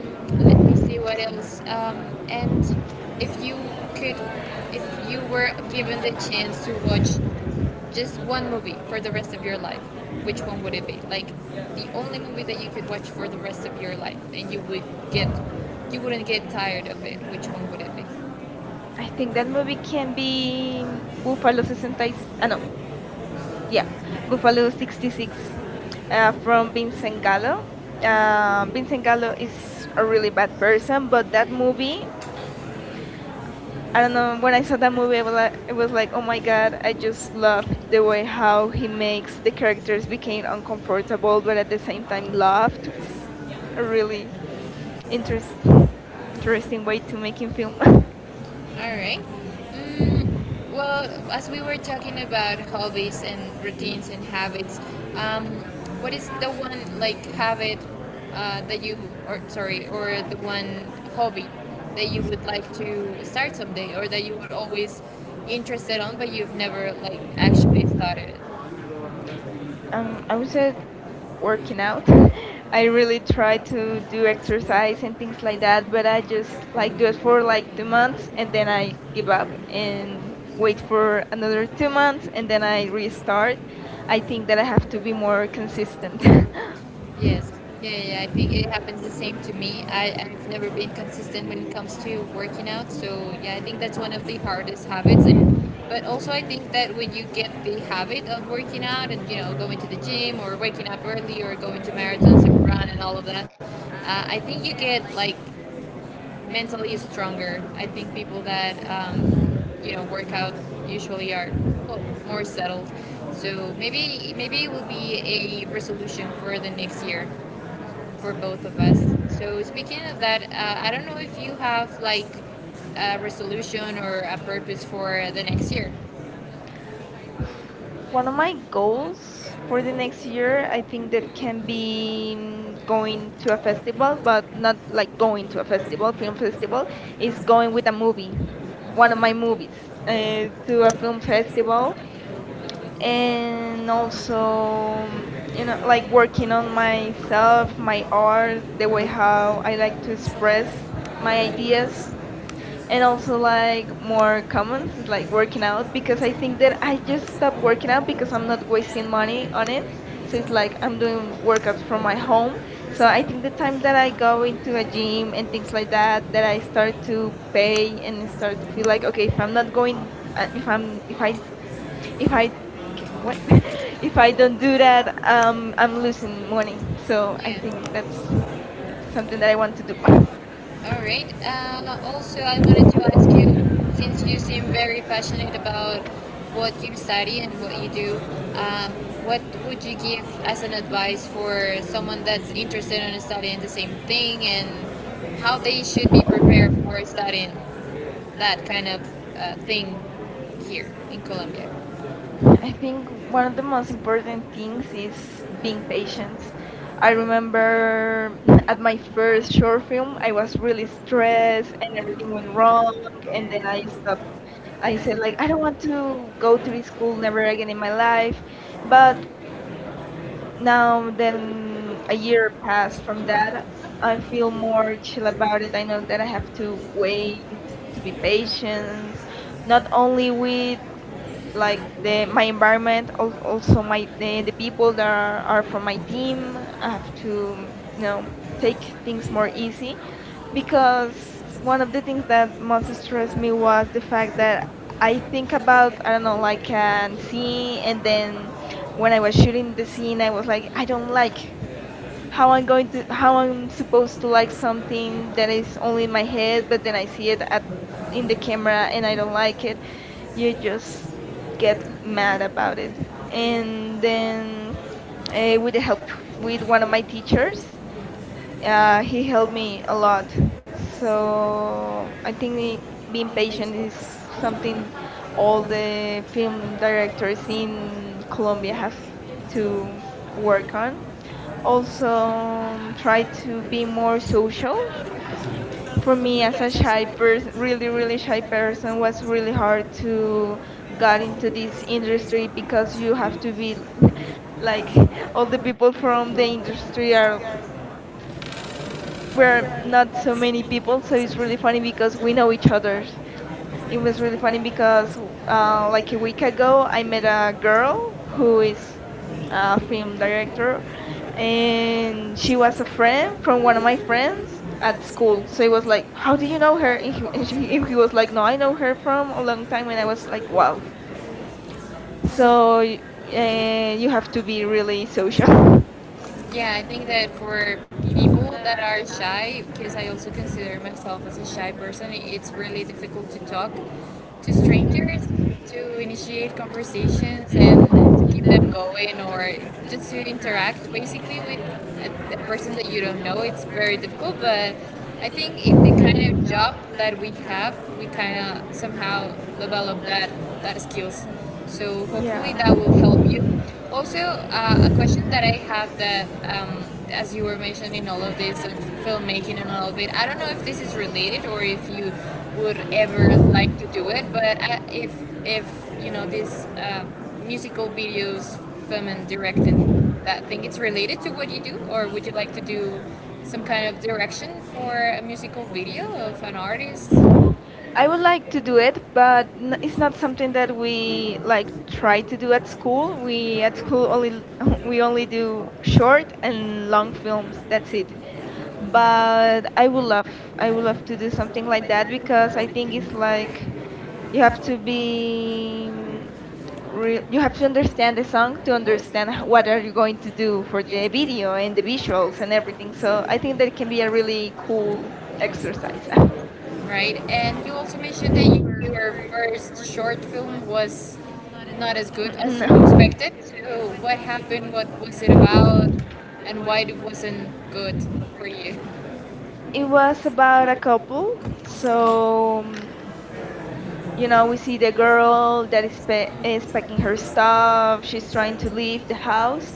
[SPEAKER 1] let me see what else. And if you could, if you were given the chance to watch just one movie for the rest of your life, which one would it be? Like the only movie that you could watch for the rest of your life, and get, you wouldn't get tired of it. Which one would it be?
[SPEAKER 2] I think that movie can be Buffalo 66. Ah, no. Yeah,
[SPEAKER 1] Yeah, the column
[SPEAKER 2] Buffalo
[SPEAKER 1] 66
[SPEAKER 2] 66,
[SPEAKER 1] from
[SPEAKER 2] from Vincent
[SPEAKER 1] Sengala.
[SPEAKER 2] Gallo.
[SPEAKER 1] Um,
[SPEAKER 2] Vincent
[SPEAKER 1] Sengala
[SPEAKER 2] Gallo is
[SPEAKER 1] is
[SPEAKER 2] a
[SPEAKER 1] a
[SPEAKER 2] really
[SPEAKER 1] really bad
[SPEAKER 2] bad
[SPEAKER 1] place,
[SPEAKER 2] person, but
[SPEAKER 1] but that
[SPEAKER 2] that movie,
[SPEAKER 1] book,
[SPEAKER 2] I
[SPEAKER 1] I
[SPEAKER 2] don't
[SPEAKER 1] don't know,
[SPEAKER 2] know, when
[SPEAKER 1] when
[SPEAKER 2] I
[SPEAKER 1] I
[SPEAKER 2] saw
[SPEAKER 1] saw
[SPEAKER 2] that
[SPEAKER 1] the
[SPEAKER 2] movie, I
[SPEAKER 1] movie,
[SPEAKER 2] was
[SPEAKER 1] but
[SPEAKER 2] like,
[SPEAKER 1] was like,
[SPEAKER 2] oh
[SPEAKER 1] oh my
[SPEAKER 2] my
[SPEAKER 1] god,
[SPEAKER 2] god, I
[SPEAKER 1] I
[SPEAKER 2] just
[SPEAKER 1] just
[SPEAKER 2] love
[SPEAKER 1] love
[SPEAKER 2] the
[SPEAKER 1] the
[SPEAKER 2] way
[SPEAKER 1] way how
[SPEAKER 2] how
[SPEAKER 1] it
[SPEAKER 2] he
[SPEAKER 1] makes
[SPEAKER 2] makes the
[SPEAKER 1] the
[SPEAKER 2] characters
[SPEAKER 1] characters
[SPEAKER 2] became
[SPEAKER 1] feel
[SPEAKER 2] uncomfortable,
[SPEAKER 1] uncomfortable,
[SPEAKER 2] but
[SPEAKER 1] but at
[SPEAKER 2] at the
[SPEAKER 1] the
[SPEAKER 2] same
[SPEAKER 1] same
[SPEAKER 2] time
[SPEAKER 1] time love.
[SPEAKER 2] loved. It's a
[SPEAKER 1] It's really
[SPEAKER 2] really interest,
[SPEAKER 1] interesting.
[SPEAKER 2] interesting
[SPEAKER 1] Interesting way
[SPEAKER 2] way
[SPEAKER 1] to
[SPEAKER 2] to
[SPEAKER 1] make
[SPEAKER 2] making
[SPEAKER 1] you
[SPEAKER 2] film.
[SPEAKER 1] feel. All right. Well, as we were talking about hobbies and routines and habits, um, what is the one like habit that you, or sorry, or the one hobby that you would like to start someday, or that you were always interested on, but you've never like actually started it?
[SPEAKER 2] <laughs> I would say working
[SPEAKER 1] Working out.
[SPEAKER 2] out. <laughs>
[SPEAKER 1] I
[SPEAKER 2] I really
[SPEAKER 1] really
[SPEAKER 2] try
[SPEAKER 1] tried to
[SPEAKER 2] to do
[SPEAKER 1] do exercise
[SPEAKER 2] exercise and
[SPEAKER 1] and
[SPEAKER 2] things
[SPEAKER 1] things
[SPEAKER 2] like
[SPEAKER 1] like that,
[SPEAKER 2] that, but
[SPEAKER 1] but
[SPEAKER 2] I
[SPEAKER 1] I
[SPEAKER 2] just
[SPEAKER 1] just like
[SPEAKER 2] like do it
[SPEAKER 1] it
[SPEAKER 2] for
[SPEAKER 1] for like
[SPEAKER 2] like two
[SPEAKER 1] months
[SPEAKER 2] months
[SPEAKER 1] and
[SPEAKER 2] and then
[SPEAKER 1] then I
[SPEAKER 2] I give
[SPEAKER 1] give up
[SPEAKER 2] up
[SPEAKER 1] and
[SPEAKER 2] and
[SPEAKER 1] wait
[SPEAKER 2] wait for
[SPEAKER 1] for
[SPEAKER 2] another
[SPEAKER 1] years
[SPEAKER 2] two
[SPEAKER 1] 2 months
[SPEAKER 2] months and
[SPEAKER 1] and
[SPEAKER 2] then
[SPEAKER 1] then
[SPEAKER 2] I
[SPEAKER 1] I start.
[SPEAKER 2] restart.
[SPEAKER 1] I
[SPEAKER 2] I think
[SPEAKER 1] think
[SPEAKER 2] that
[SPEAKER 1] that
[SPEAKER 2] I
[SPEAKER 1] I
[SPEAKER 2] have
[SPEAKER 1] have
[SPEAKER 2] to
[SPEAKER 1] to be
[SPEAKER 2] be
[SPEAKER 1] more
[SPEAKER 2] more consistent. <laughs>
[SPEAKER 1] consistent. Yes. Yeah, yeah, yeah, I think it happens the same to me. I've never been consistent when it comes to working out. So, yeah, I think that's one of the hardest habits. But also, I think that when you get the habit of working out and going to the gym or waking up early or going to marathons and run and all of that, I think you get like mentally stronger. I think people that, work out usually are well, more settled. So maybe it will be a resolution for the next year for both of us. So speaking of that, I don't know if you have like a resolution or a purpose for the next year.
[SPEAKER 2] One of my
[SPEAKER 1] One
[SPEAKER 2] goals
[SPEAKER 1] of my
[SPEAKER 2] for the next year, I think that can be mm, going to a festival, but not like going to a festival, film festival, is going with a movie one of my movies
[SPEAKER 1] uh,
[SPEAKER 2] to a film festival,
[SPEAKER 1] testimony and
[SPEAKER 2] and also you know like working on myself, my art, the way how I like to express my ideas, and also like
[SPEAKER 1] like
[SPEAKER 2] more comments like working out,
[SPEAKER 1] like
[SPEAKER 2] because I think that I just stopped working out because I'm not wasting money on it, so it's like I'm doing
[SPEAKER 1] like
[SPEAKER 2] workouts from my home.
[SPEAKER 1] so
[SPEAKER 2] So
[SPEAKER 1] I
[SPEAKER 2] I think the time
[SPEAKER 1] think
[SPEAKER 2] that
[SPEAKER 1] that
[SPEAKER 2] I
[SPEAKER 1] I
[SPEAKER 2] go
[SPEAKER 1] go into
[SPEAKER 2] into a
[SPEAKER 1] hygiene
[SPEAKER 2] gym
[SPEAKER 1] and
[SPEAKER 2] and things
[SPEAKER 1] things
[SPEAKER 2] like
[SPEAKER 1] like that
[SPEAKER 2] that that
[SPEAKER 1] that
[SPEAKER 2] I
[SPEAKER 1] I start
[SPEAKER 2] start to
[SPEAKER 1] to pay
[SPEAKER 2] pay and
[SPEAKER 1] and
[SPEAKER 2] start
[SPEAKER 1] start
[SPEAKER 2] to
[SPEAKER 1] to be
[SPEAKER 2] feel
[SPEAKER 1] like
[SPEAKER 2] like okay,
[SPEAKER 1] okay
[SPEAKER 2] if I'm
[SPEAKER 1] I'm
[SPEAKER 2] not
[SPEAKER 1] not going
[SPEAKER 2] going
[SPEAKER 1] and have like
[SPEAKER 2] if
[SPEAKER 1] if
[SPEAKER 2] I
[SPEAKER 1] I
[SPEAKER 2] ca- what <laughs> if
[SPEAKER 1] if I
[SPEAKER 2] I don't
[SPEAKER 1] don't do
[SPEAKER 2] do
[SPEAKER 1] that,
[SPEAKER 2] that, I'm
[SPEAKER 1] I'm
[SPEAKER 2] losing
[SPEAKER 1] losing money.
[SPEAKER 2] money.
[SPEAKER 1] So,
[SPEAKER 2] So I
[SPEAKER 1] yeah,
[SPEAKER 2] think that's
[SPEAKER 1] that's
[SPEAKER 2] something
[SPEAKER 1] something
[SPEAKER 2] that I
[SPEAKER 1] I want
[SPEAKER 2] want to do.
[SPEAKER 1] to
[SPEAKER 2] <laughs>
[SPEAKER 1] do. All right. Also, I wanted to ask you, since you seem very passionate about what you study and what you do, um, what would you give as an advice for someone that's interested in studying the same thing and how they should be prepared for studying that kind of thing here in Colombia?
[SPEAKER 2] I think
[SPEAKER 1] One
[SPEAKER 2] one of the
[SPEAKER 1] of the
[SPEAKER 2] most
[SPEAKER 1] most
[SPEAKER 2] important
[SPEAKER 1] important
[SPEAKER 2] things is
[SPEAKER 1] things is
[SPEAKER 2] being
[SPEAKER 1] being patient.
[SPEAKER 2] patient. I
[SPEAKER 1] I remember
[SPEAKER 2] remember at
[SPEAKER 1] at my
[SPEAKER 2] my
[SPEAKER 1] first
[SPEAKER 2] first short
[SPEAKER 1] job,
[SPEAKER 2] film, I
[SPEAKER 1] I was
[SPEAKER 2] was really
[SPEAKER 1] really stressed,
[SPEAKER 2] stressed and
[SPEAKER 1] everything
[SPEAKER 2] everything went
[SPEAKER 1] was wrong,
[SPEAKER 2] wrong, and
[SPEAKER 1] and
[SPEAKER 2] then
[SPEAKER 1] then I
[SPEAKER 2] I
[SPEAKER 1] just
[SPEAKER 2] stopped.
[SPEAKER 1] I
[SPEAKER 2] I said
[SPEAKER 1] said,
[SPEAKER 2] like
[SPEAKER 1] like,
[SPEAKER 2] I
[SPEAKER 1] I
[SPEAKER 2] don't
[SPEAKER 1] don't want
[SPEAKER 2] want
[SPEAKER 1] to do
[SPEAKER 2] to go to
[SPEAKER 1] this, I
[SPEAKER 2] this
[SPEAKER 1] do
[SPEAKER 2] school never
[SPEAKER 1] again
[SPEAKER 2] again in
[SPEAKER 1] in
[SPEAKER 2] my
[SPEAKER 1] my life,
[SPEAKER 2] life,
[SPEAKER 1] but
[SPEAKER 2] but
[SPEAKER 1] now
[SPEAKER 2] now then a
[SPEAKER 1] a year
[SPEAKER 2] year
[SPEAKER 1] has passed
[SPEAKER 2] passed from
[SPEAKER 1] that
[SPEAKER 2] that.
[SPEAKER 1] I
[SPEAKER 2] I feel
[SPEAKER 1] feel more
[SPEAKER 2] more chill about
[SPEAKER 1] independent
[SPEAKER 2] it. I know
[SPEAKER 1] I even
[SPEAKER 2] that I have
[SPEAKER 1] have
[SPEAKER 2] to
[SPEAKER 1] to wait
[SPEAKER 2] wait to be
[SPEAKER 1] patient
[SPEAKER 2] patient,
[SPEAKER 1] not
[SPEAKER 2] not
[SPEAKER 1] only with
[SPEAKER 2] only with like
[SPEAKER 1] like
[SPEAKER 2] the
[SPEAKER 1] the
[SPEAKER 2] my
[SPEAKER 1] my partner
[SPEAKER 2] environment, also
[SPEAKER 1] but
[SPEAKER 2] my
[SPEAKER 1] the
[SPEAKER 2] the, the people
[SPEAKER 1] people
[SPEAKER 2] that
[SPEAKER 1] that
[SPEAKER 2] are
[SPEAKER 1] are
[SPEAKER 2] from my
[SPEAKER 1] helping me
[SPEAKER 2] team. I have to
[SPEAKER 1] it's more
[SPEAKER 2] take things more
[SPEAKER 1] easy
[SPEAKER 2] easy
[SPEAKER 1] because
[SPEAKER 2] because
[SPEAKER 1] it's one
[SPEAKER 2] one
[SPEAKER 1] of
[SPEAKER 2] of
[SPEAKER 1] the
[SPEAKER 2] the things
[SPEAKER 1] things that
[SPEAKER 2] that most
[SPEAKER 1] was
[SPEAKER 2] stressed me
[SPEAKER 1] important was
[SPEAKER 2] was the
[SPEAKER 1] the
[SPEAKER 2] fact
[SPEAKER 1] fact that
[SPEAKER 2] that
[SPEAKER 1] I
[SPEAKER 2] I think
[SPEAKER 1] felt
[SPEAKER 2] about, I don't know,
[SPEAKER 1] know,
[SPEAKER 2] like
[SPEAKER 1] like, not
[SPEAKER 2] a
[SPEAKER 1] to me,
[SPEAKER 2] scene, and
[SPEAKER 1] and then
[SPEAKER 2] then when
[SPEAKER 1] when I
[SPEAKER 2] I was
[SPEAKER 1] would
[SPEAKER 2] shooting the
[SPEAKER 1] see
[SPEAKER 2] scene, I
[SPEAKER 1] them,
[SPEAKER 2] was like, I don't like
[SPEAKER 1] like, how am how
[SPEAKER 2] how
[SPEAKER 1] am
[SPEAKER 2] I'm
[SPEAKER 1] I supposed to
[SPEAKER 2] supposed to
[SPEAKER 1] like
[SPEAKER 2] like something
[SPEAKER 1] that
[SPEAKER 2] that
[SPEAKER 1] it's
[SPEAKER 2] is only
[SPEAKER 1] only
[SPEAKER 2] in my
[SPEAKER 1] my head
[SPEAKER 2] head, but
[SPEAKER 1] that
[SPEAKER 2] then
[SPEAKER 1] I
[SPEAKER 2] I see
[SPEAKER 1] see it
[SPEAKER 2] it
[SPEAKER 1] I'm
[SPEAKER 2] at in
[SPEAKER 1] in
[SPEAKER 2] the
[SPEAKER 1] the camera
[SPEAKER 2] camera
[SPEAKER 1] and
[SPEAKER 2] and
[SPEAKER 1] they
[SPEAKER 2] I
[SPEAKER 1] were
[SPEAKER 2] don't
[SPEAKER 1] like,
[SPEAKER 2] like it.
[SPEAKER 1] you
[SPEAKER 2] You
[SPEAKER 1] just
[SPEAKER 2] just
[SPEAKER 1] get
[SPEAKER 2] get mad
[SPEAKER 1] mad.
[SPEAKER 2] about it.
[SPEAKER 1] And
[SPEAKER 2] And
[SPEAKER 1] then
[SPEAKER 2] then
[SPEAKER 1] and
[SPEAKER 2] with the help with
[SPEAKER 1] we got
[SPEAKER 2] one of
[SPEAKER 1] like
[SPEAKER 2] my
[SPEAKER 1] pictures.
[SPEAKER 2] teachers,
[SPEAKER 1] Yeah,
[SPEAKER 2] he helped
[SPEAKER 1] helped
[SPEAKER 2] me a
[SPEAKER 1] a lot.
[SPEAKER 2] lot.
[SPEAKER 1] So
[SPEAKER 2] So I think being
[SPEAKER 1] like
[SPEAKER 2] patient
[SPEAKER 1] all
[SPEAKER 2] is something all the film directors in Colombia have to work on. Also, try to be more social. For me, as a shy person, really, really shy person, was really hard to get into this industry because you have to be <laughs> like, all the
[SPEAKER 1] the people
[SPEAKER 2] people
[SPEAKER 1] from
[SPEAKER 2] from the
[SPEAKER 1] the
[SPEAKER 2] industry are
[SPEAKER 1] she
[SPEAKER 2] we're
[SPEAKER 1] was
[SPEAKER 2] not so many people, so it's really funny because we know each other. It was really funny because like a week ago, I met a girl who is a film director, and she was
[SPEAKER 1] a
[SPEAKER 2] a
[SPEAKER 1] friend
[SPEAKER 2] friend from
[SPEAKER 1] from
[SPEAKER 2] one
[SPEAKER 1] one
[SPEAKER 2] of
[SPEAKER 1] of my
[SPEAKER 2] my
[SPEAKER 1] friends
[SPEAKER 2] friends at
[SPEAKER 1] at school.
[SPEAKER 2] school. So
[SPEAKER 1] So
[SPEAKER 2] it
[SPEAKER 1] I
[SPEAKER 2] was
[SPEAKER 1] was like,
[SPEAKER 2] like,
[SPEAKER 1] oh,
[SPEAKER 2] how do you
[SPEAKER 1] you
[SPEAKER 2] know
[SPEAKER 1] know
[SPEAKER 2] her?
[SPEAKER 1] her.
[SPEAKER 2] And he, and she,
[SPEAKER 1] She
[SPEAKER 2] and he
[SPEAKER 1] was
[SPEAKER 2] was
[SPEAKER 1] like,
[SPEAKER 2] like, no,
[SPEAKER 1] oh, I
[SPEAKER 2] I
[SPEAKER 1] know
[SPEAKER 2] know her from
[SPEAKER 1] her.
[SPEAKER 2] a long time, and
[SPEAKER 1] And
[SPEAKER 2] I
[SPEAKER 1] it
[SPEAKER 2] was
[SPEAKER 1] was
[SPEAKER 2] like,
[SPEAKER 1] really wow.
[SPEAKER 2] wow.
[SPEAKER 1] So,
[SPEAKER 2] So you have to
[SPEAKER 1] after
[SPEAKER 2] be
[SPEAKER 1] being
[SPEAKER 2] really
[SPEAKER 1] really social,
[SPEAKER 2] social. <laughs>
[SPEAKER 1] yeah, I think that for people that are shy, because I also consider myself as a shy person, it's really difficult to talk to strangers, to initiate conversations and to keep them going, or just to interact basically with a person that you don't know. It's very difficult, but I think in the kind of job that we have, we kind of somehow develop that skills. So hopefully
[SPEAKER 2] Yeah.
[SPEAKER 1] that will help you also, a question that I have that, as you were mentioning all of this and filmmaking and all of it, I don't know if this is related or if you would ever like to do it, but if you know this musical videos, film and directing, that thing, it's related to what you do, or would you like to do some kind of direction for a musical video of an artist?
[SPEAKER 2] I would like to do it, but it's not something that we like try to do at
[SPEAKER 1] That's
[SPEAKER 2] school.
[SPEAKER 1] cool.
[SPEAKER 2] We at school only <laughs> we only do short and long films. That's
[SPEAKER 1] That's
[SPEAKER 2] it.
[SPEAKER 1] cool.
[SPEAKER 2] But
[SPEAKER 1] I
[SPEAKER 2] I would love to do something
[SPEAKER 1] something
[SPEAKER 2] like
[SPEAKER 1] like that
[SPEAKER 2] that because
[SPEAKER 1] because I
[SPEAKER 2] I
[SPEAKER 1] think
[SPEAKER 2] think
[SPEAKER 1] it's
[SPEAKER 2] it's
[SPEAKER 1] very
[SPEAKER 2] like you have to
[SPEAKER 1] You
[SPEAKER 2] be
[SPEAKER 1] have
[SPEAKER 2] you have to
[SPEAKER 1] to understand
[SPEAKER 2] understand the
[SPEAKER 1] as long
[SPEAKER 2] song to
[SPEAKER 1] as you
[SPEAKER 2] understand
[SPEAKER 1] understand
[SPEAKER 2] what
[SPEAKER 1] what
[SPEAKER 2] are
[SPEAKER 1] other
[SPEAKER 2] you going to do for the
[SPEAKER 1] people
[SPEAKER 2] video
[SPEAKER 1] and
[SPEAKER 2] and the
[SPEAKER 1] individuals
[SPEAKER 2] visuals and everything.
[SPEAKER 1] so I
[SPEAKER 2] So I think
[SPEAKER 1] think
[SPEAKER 2] that can be a really cool
[SPEAKER 1] that
[SPEAKER 2] exercise.
[SPEAKER 1] really
[SPEAKER 2] <laughs>
[SPEAKER 1] right, and you also mentioned that your first short film was not as good as you expected.
[SPEAKER 2] No.
[SPEAKER 1] So, what happened? What was it about? And why it wasn't good for you?
[SPEAKER 2] It
[SPEAKER 1] It
[SPEAKER 2] was
[SPEAKER 1] was
[SPEAKER 2] about
[SPEAKER 1] uh,
[SPEAKER 2] a couple.
[SPEAKER 1] so
[SPEAKER 2] So
[SPEAKER 1] you know,
[SPEAKER 2] we see the
[SPEAKER 1] a girl
[SPEAKER 2] girl that
[SPEAKER 1] that
[SPEAKER 2] is,
[SPEAKER 1] is like
[SPEAKER 2] is
[SPEAKER 1] was
[SPEAKER 2] packing
[SPEAKER 1] taking
[SPEAKER 2] her
[SPEAKER 1] the stuff,
[SPEAKER 2] stuff. She's
[SPEAKER 1] trying
[SPEAKER 2] trying to
[SPEAKER 1] to leave
[SPEAKER 2] leave the
[SPEAKER 1] the
[SPEAKER 2] house,
[SPEAKER 1] house,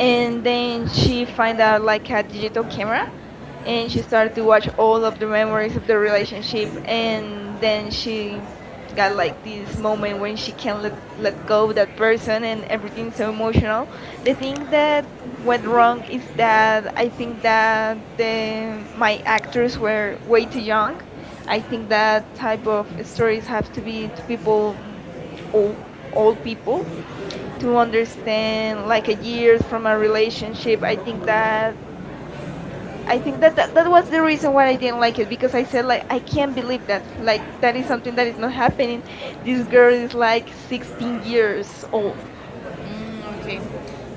[SPEAKER 1] and then
[SPEAKER 2] then
[SPEAKER 1] she
[SPEAKER 2] she find
[SPEAKER 1] finds out
[SPEAKER 2] out
[SPEAKER 1] like
[SPEAKER 2] like a
[SPEAKER 1] handle the
[SPEAKER 2] digital camera,
[SPEAKER 1] camera,
[SPEAKER 2] and
[SPEAKER 1] and she
[SPEAKER 2] she started
[SPEAKER 1] started
[SPEAKER 2] to
[SPEAKER 1] to watch
[SPEAKER 2] watch all
[SPEAKER 1] all of
[SPEAKER 2] of the memories of the
[SPEAKER 1] the relationships,
[SPEAKER 2] relationship,
[SPEAKER 1] and
[SPEAKER 2] and
[SPEAKER 1] then
[SPEAKER 2] then she
[SPEAKER 1] she
[SPEAKER 2] got
[SPEAKER 1] got like
[SPEAKER 2] like this
[SPEAKER 1] this
[SPEAKER 2] moment when she
[SPEAKER 1] like
[SPEAKER 2] can't let go of that person and everything's so emotional. The thing that went wrong is that I think that the my actors were way too young. I think that type of stories have to be to people, old old people, to understand like a
[SPEAKER 1] a year
[SPEAKER 2] years
[SPEAKER 1] from
[SPEAKER 2] from a
[SPEAKER 1] my relationship,
[SPEAKER 2] relationship.
[SPEAKER 1] I think that
[SPEAKER 2] I
[SPEAKER 1] I
[SPEAKER 2] think
[SPEAKER 1] think
[SPEAKER 2] that,
[SPEAKER 1] that
[SPEAKER 2] that
[SPEAKER 1] that,
[SPEAKER 2] that
[SPEAKER 1] that
[SPEAKER 2] was
[SPEAKER 1] was
[SPEAKER 2] the
[SPEAKER 1] the
[SPEAKER 2] reason
[SPEAKER 1] reason why
[SPEAKER 2] why
[SPEAKER 1] I
[SPEAKER 2] I
[SPEAKER 1] did
[SPEAKER 2] didn't
[SPEAKER 1] my
[SPEAKER 2] like it
[SPEAKER 1] because
[SPEAKER 2] because
[SPEAKER 1] I
[SPEAKER 2] I
[SPEAKER 1] said
[SPEAKER 2] said
[SPEAKER 1] like
[SPEAKER 2] like,
[SPEAKER 1] I
[SPEAKER 2] I
[SPEAKER 1] can't
[SPEAKER 2] can't believe
[SPEAKER 1] believe
[SPEAKER 2] that,
[SPEAKER 1] that
[SPEAKER 2] like,
[SPEAKER 1] like that
[SPEAKER 2] that
[SPEAKER 1] is
[SPEAKER 2] is
[SPEAKER 1] something
[SPEAKER 2] something
[SPEAKER 1] that
[SPEAKER 2] that is
[SPEAKER 1] is
[SPEAKER 2] not
[SPEAKER 1] not happening
[SPEAKER 2] happening.
[SPEAKER 1] these
[SPEAKER 2] This girl
[SPEAKER 1] girls
[SPEAKER 2] is
[SPEAKER 1] like
[SPEAKER 2] like
[SPEAKER 1] these
[SPEAKER 2] 16
[SPEAKER 1] years.
[SPEAKER 2] years old.
[SPEAKER 1] Mm, okay.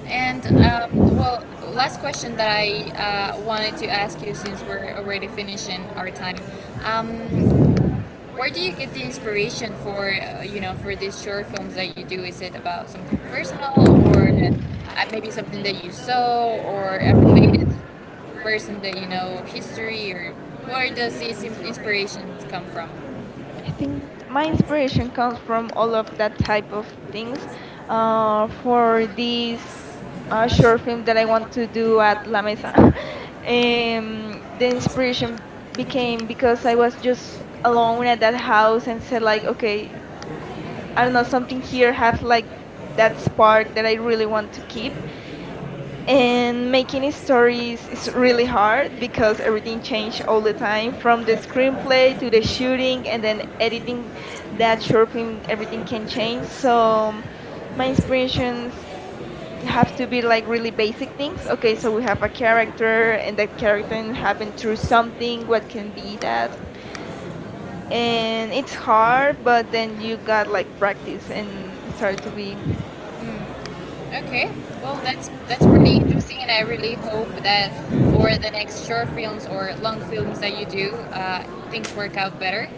[SPEAKER 1] And well, last question that I wanted to ask you since we're already finishing our time. Um, where do you get the inspiration for for these short films that you do? Is it about something personal or maybe something that you saw or a related person that you know history or where does these inspirations come from?
[SPEAKER 2] I think my
[SPEAKER 1] My
[SPEAKER 2] inspiration
[SPEAKER 1] inspiration
[SPEAKER 2] comes
[SPEAKER 1] comes
[SPEAKER 2] from all of that
[SPEAKER 1] from
[SPEAKER 2] type of things.
[SPEAKER 1] things um,
[SPEAKER 2] For
[SPEAKER 1] or
[SPEAKER 2] this
[SPEAKER 1] things shoot
[SPEAKER 2] short film that I
[SPEAKER 1] when I want
[SPEAKER 2] want to
[SPEAKER 1] to do
[SPEAKER 2] do at La Mesa, <laughs>
[SPEAKER 1] it,
[SPEAKER 2] the
[SPEAKER 1] the inspiration
[SPEAKER 2] inspiration
[SPEAKER 1] became
[SPEAKER 2] became because
[SPEAKER 1] because
[SPEAKER 2] I
[SPEAKER 1] I
[SPEAKER 2] was
[SPEAKER 1] was just
[SPEAKER 2] just
[SPEAKER 1] alone
[SPEAKER 2] alone at
[SPEAKER 1] in
[SPEAKER 2] that
[SPEAKER 1] that
[SPEAKER 2] house
[SPEAKER 1] house
[SPEAKER 2] and said
[SPEAKER 1] and
[SPEAKER 2] like,
[SPEAKER 1] like
[SPEAKER 2] okay, I
[SPEAKER 1] I
[SPEAKER 2] don't
[SPEAKER 1] don't
[SPEAKER 2] know,
[SPEAKER 1] know
[SPEAKER 2] something here
[SPEAKER 1] here have
[SPEAKER 2] has
[SPEAKER 1] like
[SPEAKER 2] like that
[SPEAKER 1] that's part
[SPEAKER 2] spark that I really want to keep.
[SPEAKER 1] and
[SPEAKER 2] And making
[SPEAKER 1] making stories
[SPEAKER 2] stories is
[SPEAKER 1] is
[SPEAKER 2] really
[SPEAKER 1] really hard
[SPEAKER 2] hard because
[SPEAKER 1] because
[SPEAKER 2] everything
[SPEAKER 1] it
[SPEAKER 2] changed
[SPEAKER 1] is
[SPEAKER 2] all
[SPEAKER 1] all
[SPEAKER 2] the
[SPEAKER 1] the
[SPEAKER 2] time, from the
[SPEAKER 1] information
[SPEAKER 2] screenplay
[SPEAKER 1] away,
[SPEAKER 2] to the
[SPEAKER 1] the story,
[SPEAKER 2] shooting and
[SPEAKER 1] and
[SPEAKER 2] then
[SPEAKER 1] then
[SPEAKER 2] editing
[SPEAKER 1] editing that
[SPEAKER 2] that short film, everything can change.
[SPEAKER 1] everything.
[SPEAKER 2] So
[SPEAKER 1] So
[SPEAKER 2] my
[SPEAKER 1] my inspiration
[SPEAKER 2] inspirations
[SPEAKER 1] is you
[SPEAKER 2] have
[SPEAKER 1] have
[SPEAKER 2] to
[SPEAKER 1] to
[SPEAKER 2] be
[SPEAKER 1] be
[SPEAKER 2] like
[SPEAKER 1] like
[SPEAKER 2] really
[SPEAKER 1] crazy,
[SPEAKER 2] basic things.
[SPEAKER 1] it's
[SPEAKER 2] Okay, so
[SPEAKER 1] crazy
[SPEAKER 2] we have a character
[SPEAKER 1] character,
[SPEAKER 2] and that character
[SPEAKER 1] you have
[SPEAKER 2] happened
[SPEAKER 1] to
[SPEAKER 2] through
[SPEAKER 1] do something,
[SPEAKER 2] something,
[SPEAKER 1] what
[SPEAKER 2] what
[SPEAKER 1] to
[SPEAKER 2] can be that,
[SPEAKER 1] do. And
[SPEAKER 2] and it's
[SPEAKER 1] it's hard,
[SPEAKER 2] hard,
[SPEAKER 1] but
[SPEAKER 2] but then you
[SPEAKER 1] I
[SPEAKER 2] got
[SPEAKER 1] love it.
[SPEAKER 2] like practice and start to be.
[SPEAKER 1] So, okay, well, that's pretty interesting, and I really hope that for the next short films or long films that you do, things work out better.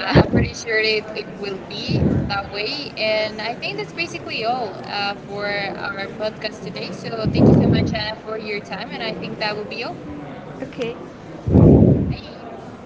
[SPEAKER 1] I'm pretty sure it will be that way, and I think that's basically all for our podcast
[SPEAKER 2] <laughs>
[SPEAKER 1] today. So thank you so much, Anna, for your time, and I think that will be all.
[SPEAKER 2] Okay.
[SPEAKER 1] Bye.